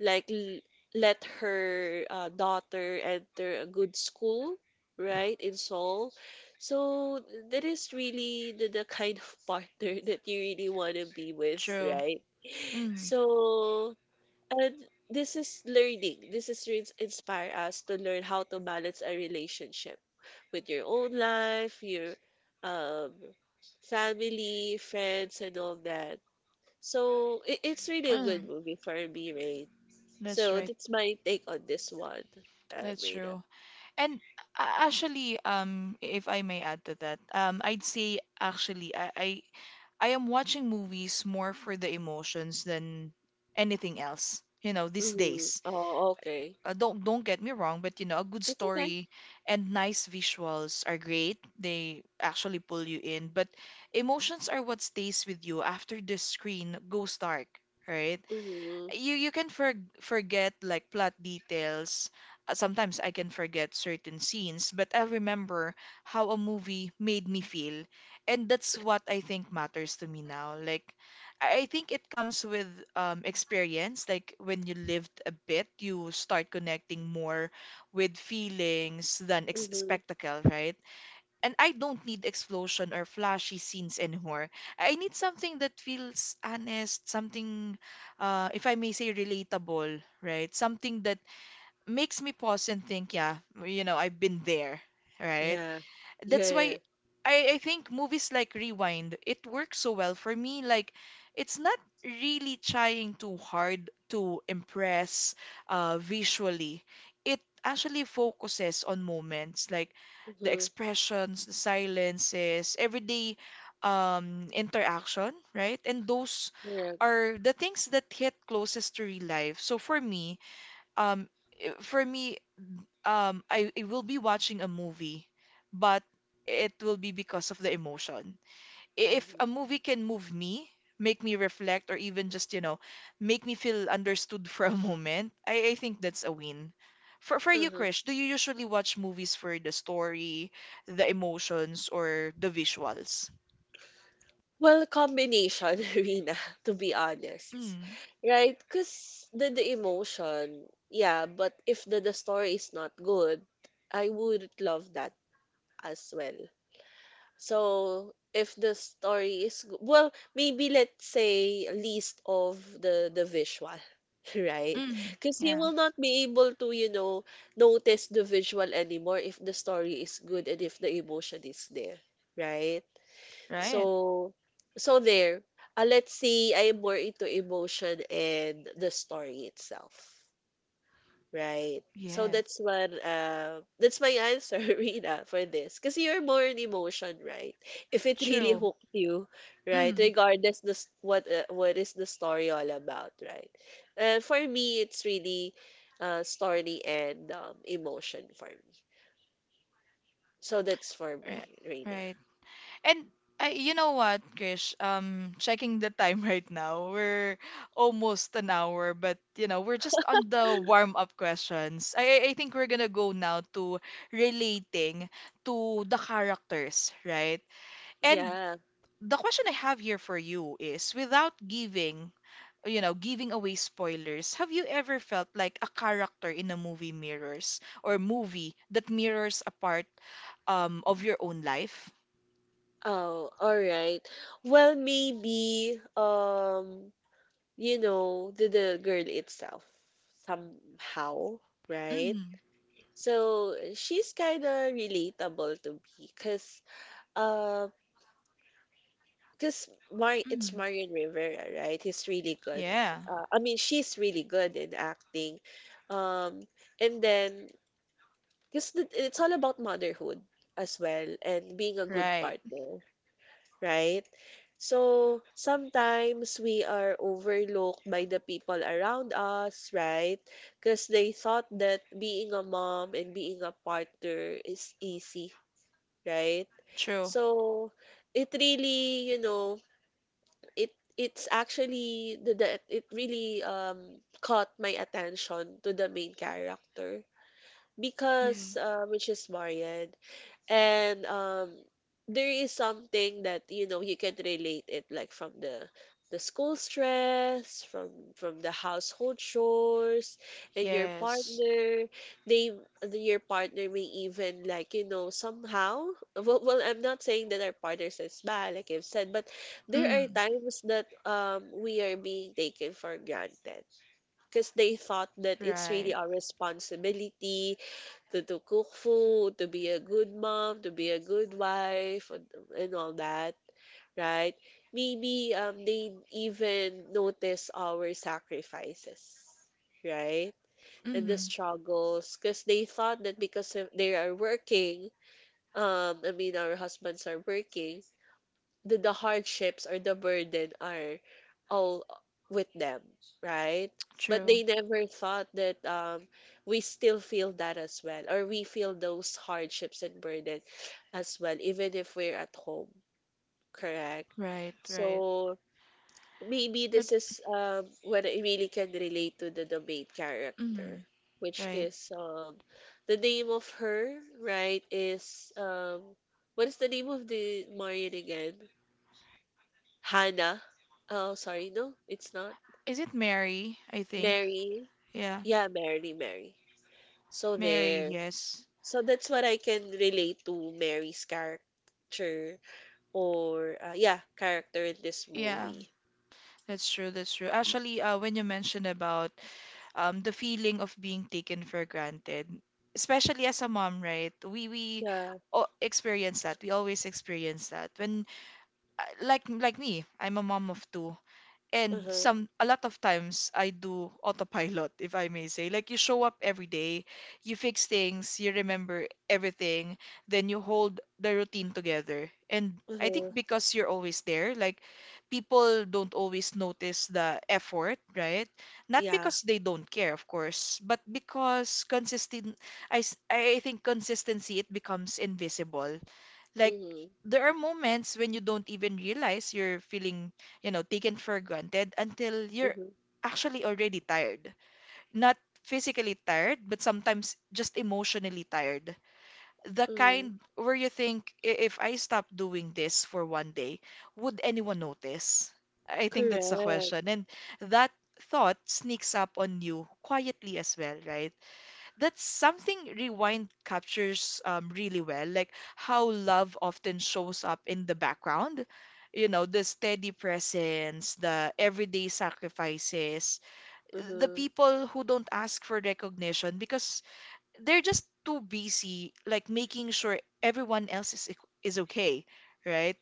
B: like l- let her daughter enter a good school, right, in Seoul. So that is really the kind of partner [laughs] that you really want to be with,
A: True.
B: right?
A: Mm,
B: So, and this is learning. Inspire us to learn how to balance a relationship with your own life, your um, family, friends, and all that. So it's really a good
A: mm,
B: movie for me, Rain.
A: that's
B: So
A: right.
B: that's my take on this one,
A: That's
B: Reina.
A: true. And actually, if I may add to that, I'd say actually, I am watching movies more for the emotions than anything else. You know, these
B: Mm-hmm.
A: days,
B: Oh, okay.
A: don't get me wrong, but you know, a good
B: It's okay.
A: story and nice visuals are great. They actually pull you in, but emotions are what stays with you after the screen goes dark, right?
B: Mm-hmm.
A: You can forget like plot details. Sometimes I can forget certain scenes, but I'll remember how a movie made me feel. And that's what I think matters to me now. Like I think it comes with experience. Like when you lived a bit, you start connecting more with feelings than ex
B: Mm-hmm.
A: spectacle, right? And I don't need explosion or flashy scenes anymore. I need something that feels honest, something, if I may say, relatable, right? Something that makes me pause and think, yeah, you know, I've been there, right?
B: Yeah.
A: That's
B: Yeah.
A: why I think movies like Rewind, it works so well for me. Like, it's not really trying too hard to impress visually. It actually focuses on moments like the
B: Mm-hmm.
A: expressions, the silences, everyday interaction, right? And those
B: Correct.
A: are the things that hit closest to real life. So for me, um, i- for me, I will be watching a movie, but it will be because of the emotion. If a movie can move me, make me reflect, or even just, you know, make me feel understood [laughs] for a moment, I think that's a win. For you,
B: Mm-hmm.
A: Krish, do you usually watch movies for the story, the emotions, or the visuals?
B: Well, combination, [laughs] Rina, to be honest.
A: Mm.
B: Right? Because the emotion, yeah, but if the story is not good, I would love that as well. So, if the story is good, well, maybe let's say a list of the visual, [laughs] right?
A: Mm.
B: Because you
A: Yeah.
B: will not be able to, you know, notice the visual anymore if the story is good and if the emotion is there, right?
A: Right.
B: So, so there. Let's see. I am more into emotion and the story itself, right? So
A: Yeah.
B: that's one. That's my answer, [laughs] Rina, for this. Because you're more in emotion, right? If it really
A: True.
B: hooked you, right?
A: Mm.
B: Regardless what is the story all about, right? For me, it's really story and emotion for me. So that's for
A: Right.
B: me, Rina.
A: Right. And I, you know what, Krish? Checking the time [laughs] right now, we're almost an hour, but you know, we're just on the warm-up questions. I think we're gonna go now to relating to the characters, right? And
B: Yeah.
A: the question I have here for you is, without giving away spoilers, have you ever felt like a character in a movie mirrors, or movie that mirrors a part of your own life?
B: Oh, all right. Well, maybe you know, the girl itself somehow, right?
A: Mm-hmm.
B: So she's kind of relatable to me, uh, cause Mar it's Marion Rivera, right? He's really good.
A: Yeah,
B: I mean, she's really good in acting. Um, and then, it's all about motherhood as well, and being a good
A: right.
B: partner, right? So sometimes we are overlooked by the people around us, right? Because they thought that being a mom and being a partner is easy, right?
A: True.
B: So it really, you know, it it's actually the it really caught my attention to the main character
A: Yeah.
B: because which is Marian, and there is something that, you know, you can relate it, like from the school stress, from the household chores, and your
A: Yes.
B: partner, they, your partner may even, like, you know, somehow, well, well, I'm not saying that our partners is bad, like I've said, but there are
A: Mm,
B: times that we are being taken for granted because they thought that it's really
A: right.
B: our responsibility to cook food, to be a good mom, to be a good wife, and all that, right? Maybe they even notice our sacrifices, right? And the
A: Mm-hmm.
B: struggles, because they thought that because of- they are working, I mean, our husbands are working, the hardships or the burden are all with them, right? But
A: True.
B: they never thought that we still feel that as well, or we feel those hardships and burden as well, even if we're at home, correct?
A: Right, right.
B: So maybe
A: But
B: this is when I really can relate to the main character,
A: mm,
B: which
A: right.
B: is the name of her, right? Is what is the name of the Marion again? Hannah. Oh, sorry. No, it's not.
A: Is it Mary, I think?
B: Mary.
A: Yeah.
B: Yeah, Mary, Mary. So
A: Mary,
B: there.
A: yes.
B: So that's what I can relate to Mary's character, or yeah, character in this
A: Yeah,
B: movie.
A: that's true, that's true. Actually, when you mentioned about the feeling of being taken for granted, especially as a mom, right? We we
B: Yeah.
A: o- experience that. We always experience that. When like me, I'm a mom of two. And
B: Uh-huh.
A: some a lot of times I do autopilot, if I may say. Like you show up every day, you fix things, you remember everything, then you hold the routine together. And I
B: Uh-huh.
A: think because you're always there, like people don't always notice the effort, right? Not
B: Yeah.
A: because they don't care, of course, but because consistent— I think consistency, it becomes invisible. Like
B: Mm-hmm.
A: there are moments when you don't even realize you're feeling, you know, taken for granted until you're
B: Mm-hmm.
A: actually already tired. Not physically tired, but sometimes just emotionally tired. The
B: Mm-hmm.
A: kind where you think, If I stop doing this for one day, would anyone notice?" I think that's the
B: Correct.
A: question. And that thought sneaks up on you quietly as well, right? That's something Rewind captures really well, like how love often shows up in the background. You know, the steady presence, the everyday sacrifices, the
B: Mm-hmm.
A: people who don't ask for recognition because they're just too busy like making sure everyone else is okay, right?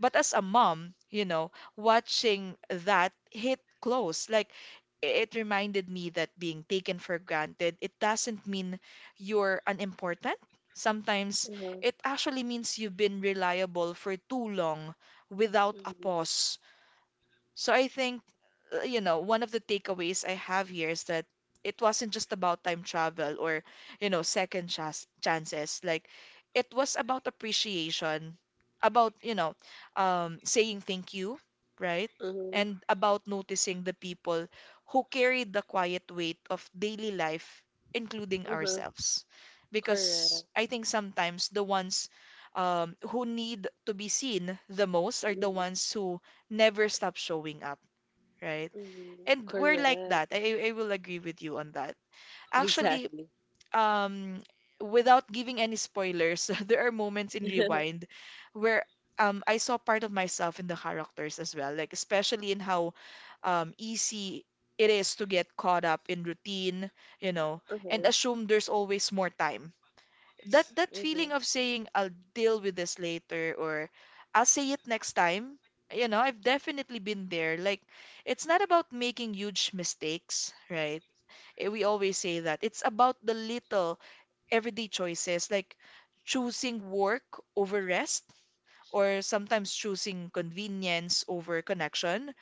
A: But as a mom, you know, watching that hit close, like it reminded me that being taken for granted, it doesn't mean you're unimportant. Sometimes
B: Uh-huh.
A: it actually means you've been reliable for too long without a
B: Mm-hmm.
A: pause. So I think, you know, one of the takeaways I have here is that it wasn't just about time travel or, you know, second chas chances. Like, it was about appreciation, about, you know, saying thank you, right?
B: Mm-hmm.
A: And about noticing the people who carried the quiet weight of daily life, including
B: Uh-huh.
A: ourselves. Because
B: Correct.
A: I think sometimes the ones who need to be seen the most are the
B: Mm-hmm.
A: ones who never stop showing up, right?
B: Mm-hmm.
A: And we're like
B: Correct.
A: that. I will agree with you on that. Actually,
B: Exactly.
A: um, without giving any spoilers, [laughs] there are moments in
B: [laughs]
A: Rewind where, I saw part of myself in the characters as well, like especially in how easy it is to get caught up in routine, you know, and
B: Uh-huh.
A: assume there's always more time. That that
B: Mm-hmm. Mm-hmm.
A: feeling of saying I'll deal with this later or I'll say it next time. You know, I've definitely been there. Like, it's not about making huge mistakes, right? We always say that. It's about the little everyday choices, like choosing work over rest, or sometimes choosing convenience over connection,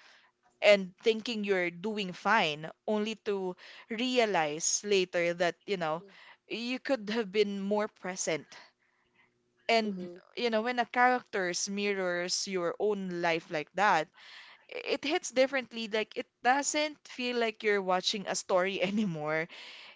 A: and thinking you're doing fine, only to realize later that, you know, you could have been more present. And
B: Mhm.
A: you know, when a character's mirrors your own life like that, it hits differently. Like it doesn't feel like you're watching a story [laughs] anymore.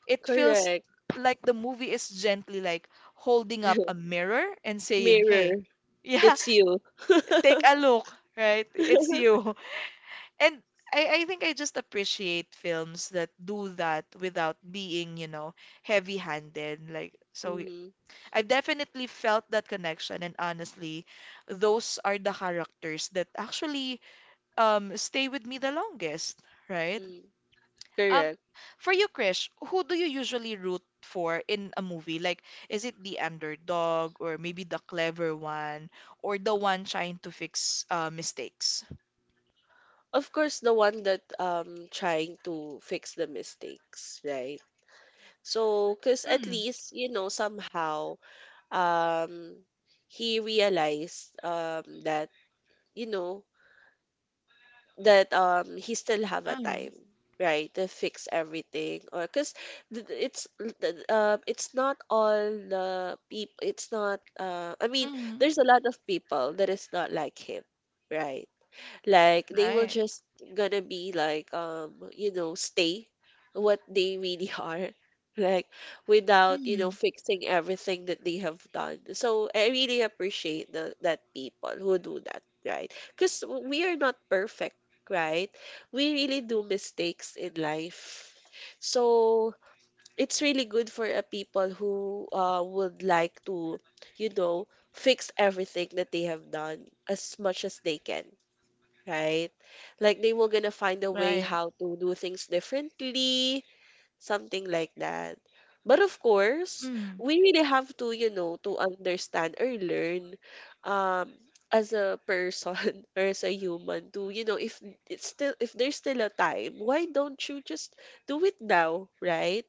A: It feels
B: Correct.
A: like the movie is gently like holding up a mirror and saying, "Hey,
B: Mirror.
A: yeah,
B: It's you.
A: [laughs] take a look, right? It's
B: [laughs]
A: you." [laughs] And I think I just appreciate films that do that without being, you know, heavy-handed. Like so
B: Mhm.
A: I've definitely felt that connection, and honestly, those are the characters that actually stay with me the longest, right?
B: Mm.
A: Um,
B: Correct.
A: for you, Krish, who do you usually root for in a movie? Like, is it the underdog or maybe the clever one or the one trying to fix mistakes?
B: Of course, the one that trying to fix the mistakes, right? So, cause at
A: Mm,
B: least you know somehow um he realized that, you know, that he still have a
A: mm,
B: time, right, to fix everything. Or because it's th- it's not all the people, it's not, I mean,
A: mm,
B: there's a lot of people that is not like him, right, like they will
A: right.
B: just gonna be like, you know, stay what they really [laughs] are, like, without, you know,
A: Mm,
B: fixing everything that they have done. So I really appreciate that people who do that, right? Because we are not perfect, right? We really do mistakes in life. So it's really good for a people who, would like to, you know, fix everything that they have done as much as they can, right? Like they will gonna find a way
A: right.
B: how to do things differently, something like that. But of course,
A: Mm,
B: we really have to, you know, to understand or learn um as a person [laughs] or as a human to, you know, if there's still a time, why don't you just do it now, right?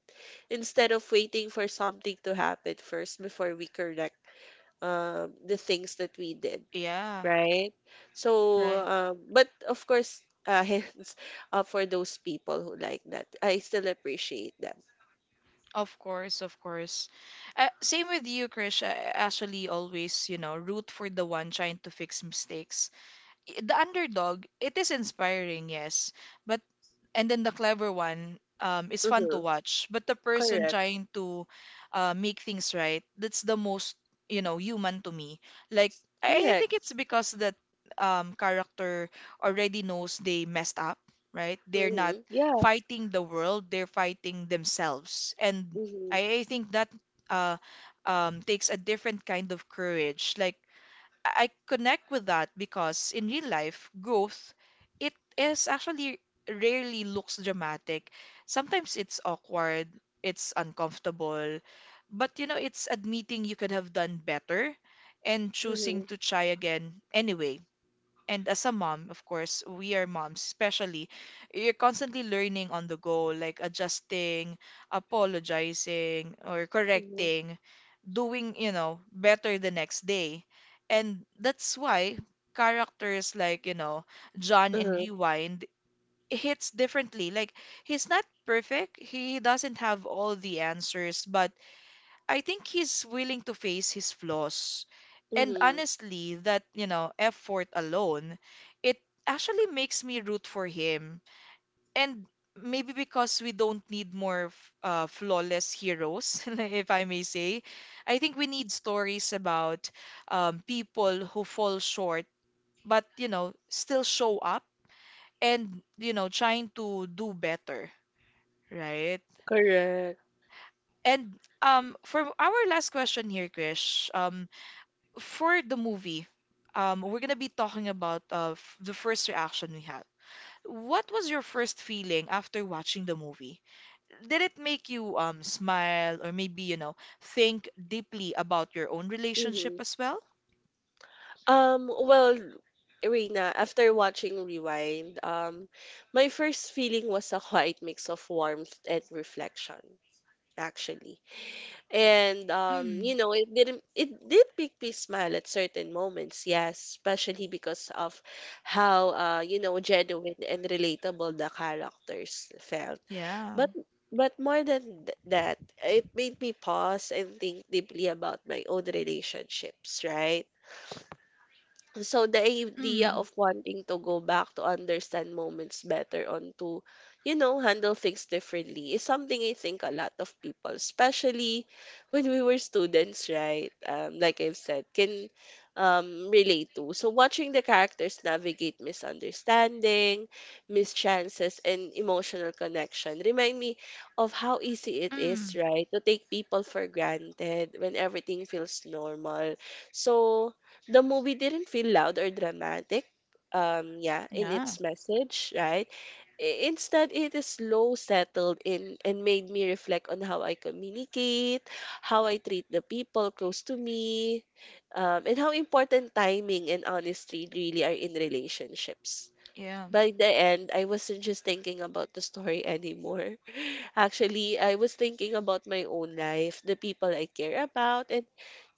B: Instead of waiting for something to happen first before we correct the things that we did,
A: yeah,
B: right? So,
A: right.
B: but of course, [laughs] hands up for those people who like that. I still appreciate them.
A: Of course, of course. Same with you, Krish. I actually always, you know, root for the one trying to fix mistakes. The underdog, it is inspiring, yes, but and then the clever one is fun to
B: Mm-hmm.
A: watch, but the person
B: Correct.
A: trying to make things right, that's the most, you know, human to me. Like I
B: Correct.
A: think it's because that character already knows they messed up, right? They're not
B: Mm-hmm. Yeah.
A: fighting the world, they're fighting themselves. And
B: Mm-hmm.
A: I think that uh, takes a different kind of courage. Like, I connect with that because in real life, growth, it is actually rarely looks dramatic. Sometimes it's awkward, it's uncomfortable, but, you know, it's admitting you could have done better and
B: Mm-hmm.
A: choosing to try again anyway. And as a mom, of course, we are moms, especially, you're constantly learning on the go, like adjusting, apologizing, or
B: Mm-hmm.
A: correcting, doing, you know, better the next day. And that's why characters like, you know, John in
B: Mm-hmm.
A: Rewind hits differently. Like, he's not perfect, he doesn't have all the answers, but I think he's willing to face his flaws. And
B: Mm-hmm.
A: honestly, that, you know, effort alone, it actually makes me root for him. And maybe because we don't need more flawless heroes, [laughs] if I may say, I think we need stories about people who fall short, but, you know, still show up and, you know, trying to do better, right?
B: Correct.
A: And for our last question here, Krish, for the movie, we're gonna be talking about the first reaction we had. What was your first feeling after watching the movie? Did it make you smile, or maybe, you know, think deeply about your own relationship
B: Mm-hmm.
A: as well?
B: Well, Irina, after watching Rewind, my first feeling was a [laughs] quiet mix of warmth and reflection, actually. And you
A: Mm,
B: know, it didn't it did make me smile at certain moments, yes, especially because of how, you know, genuine and relatable the characters felt.
A: yeah.
B: But but more than that, it made me pause and think deeply about my own relationships, right? So the idea
A: Mm,
B: of wanting to go back to understand moments better on to, you know, handle things differently is something I think a lot of people, especially when we were students, right? Like I've said, can relate to. So watching the characters navigate misunderstanding, mischances, and emotional connection remind me of how easy it is,
A: mm,
B: right, to take people for granted when everything feels normal. So the movie didn't feel loud or dramatic, yeah, in
A: yeah.
B: its message, right? Instead, it is slow, settled in, and made me reflect on how I communicate, how I treat the people close to me, and how important timing and honesty really are in relationships.
A: Yeah.
B: By the end, I wasn't just thinking about the story anymore. [laughs] Actually, I was thinking about my own life, the people I care about, and,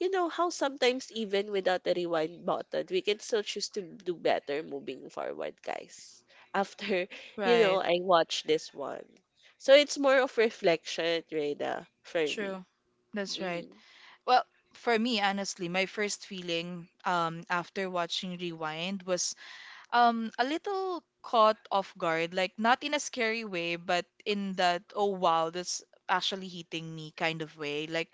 B: you know, how sometimes, even without the rewind button, we can still choose to do better moving forward, guys. [laughs] After, you know,
A: Right.
B: I watched this one. So it's more of reflection, Reda, for
A: True.
B: me.
A: That's right.
B: Mm-hmm.
A: Well, for me, honestly, my first feeling after watching Rewind was a little caught off guard, like not in a scary way, but in that oh wow, that's actually hitting me kind of way. Like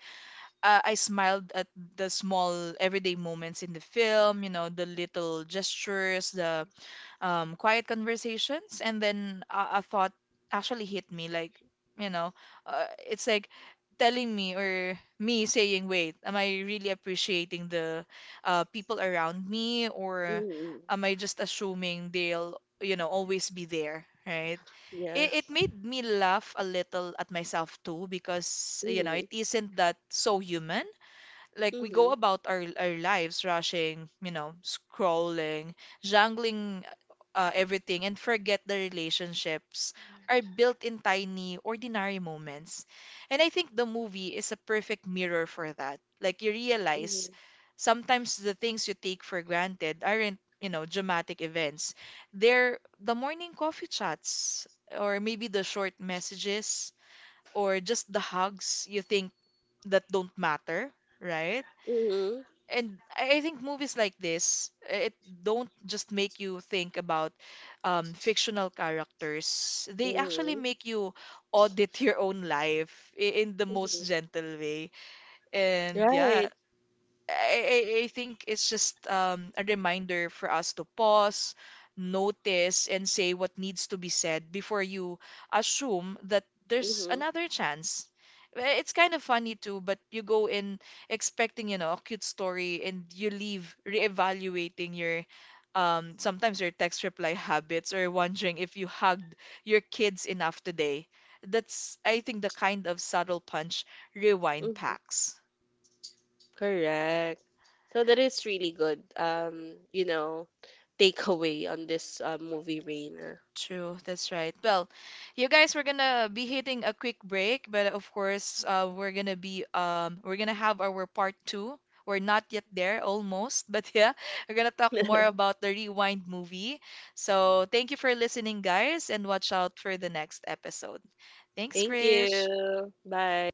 A: I smiled at the small everyday moments in the film, you know, the little gestures, the quiet conversations, and then a thought actually hit me, like, you know, it's like telling me or me saying, wait, am I really appreciating the people around me, or
B: Mm-hmm.
A: am I just assuming they'll, you know, always be there, right?
B: Yeah.
A: It made me laugh a little at myself too because, you know,
B: Mm-hmm.
A: it isn't that so human, like we
B: Mm-hmm.
A: go about our lives rushing, you know, scrolling, jangling everything and forget the relationships are built in tiny, ordinary moments. And I think the movie is a perfect mirror for that. Like, you realize
B: Mm-hmm.
A: sometimes the things you take for granted aren't, you know, dramatic events. They're the morning coffee chats, or maybe the short messages, or just the hugs you think that don't matter, right?
B: Mm-hmm.
A: And I think movies like this, it don't just make you think about fictional characters. They actually
B: Mm-hmm.
A: make you audit [laughs] your own life in the
B: Mm-hmm.
A: most gentle way. And yeah,
B: Right.
A: I think it's just a reminder for us to pause, notice, and say what needs to be said before you assume that there's
B: Mm-hmm.
A: another chance. It's kind of funny too, but you go in expecting, you know, a cute story and you leave reevaluating your sometimes your text reply habits or wondering if you hugged your kids enough today. That's, I think, the kind of subtle punch Rewind
B: Mhm.
A: packs.
B: Correct. So that is really good. You know, takeaway on this movie, Raina.
A: True, that's right. Well, you guys, we're gonna be hitting a quick break, but of course, we're gonna be we're gonna have our part two. We're not yet there, almost, [laughs] but yeah, we're gonna talk more
B: [laughs]
A: about the Rewind movie. So thank you for listening, guys, and watch out for the next episode. Thanks,
B: Thank
A: Krish.
B: you. Bye.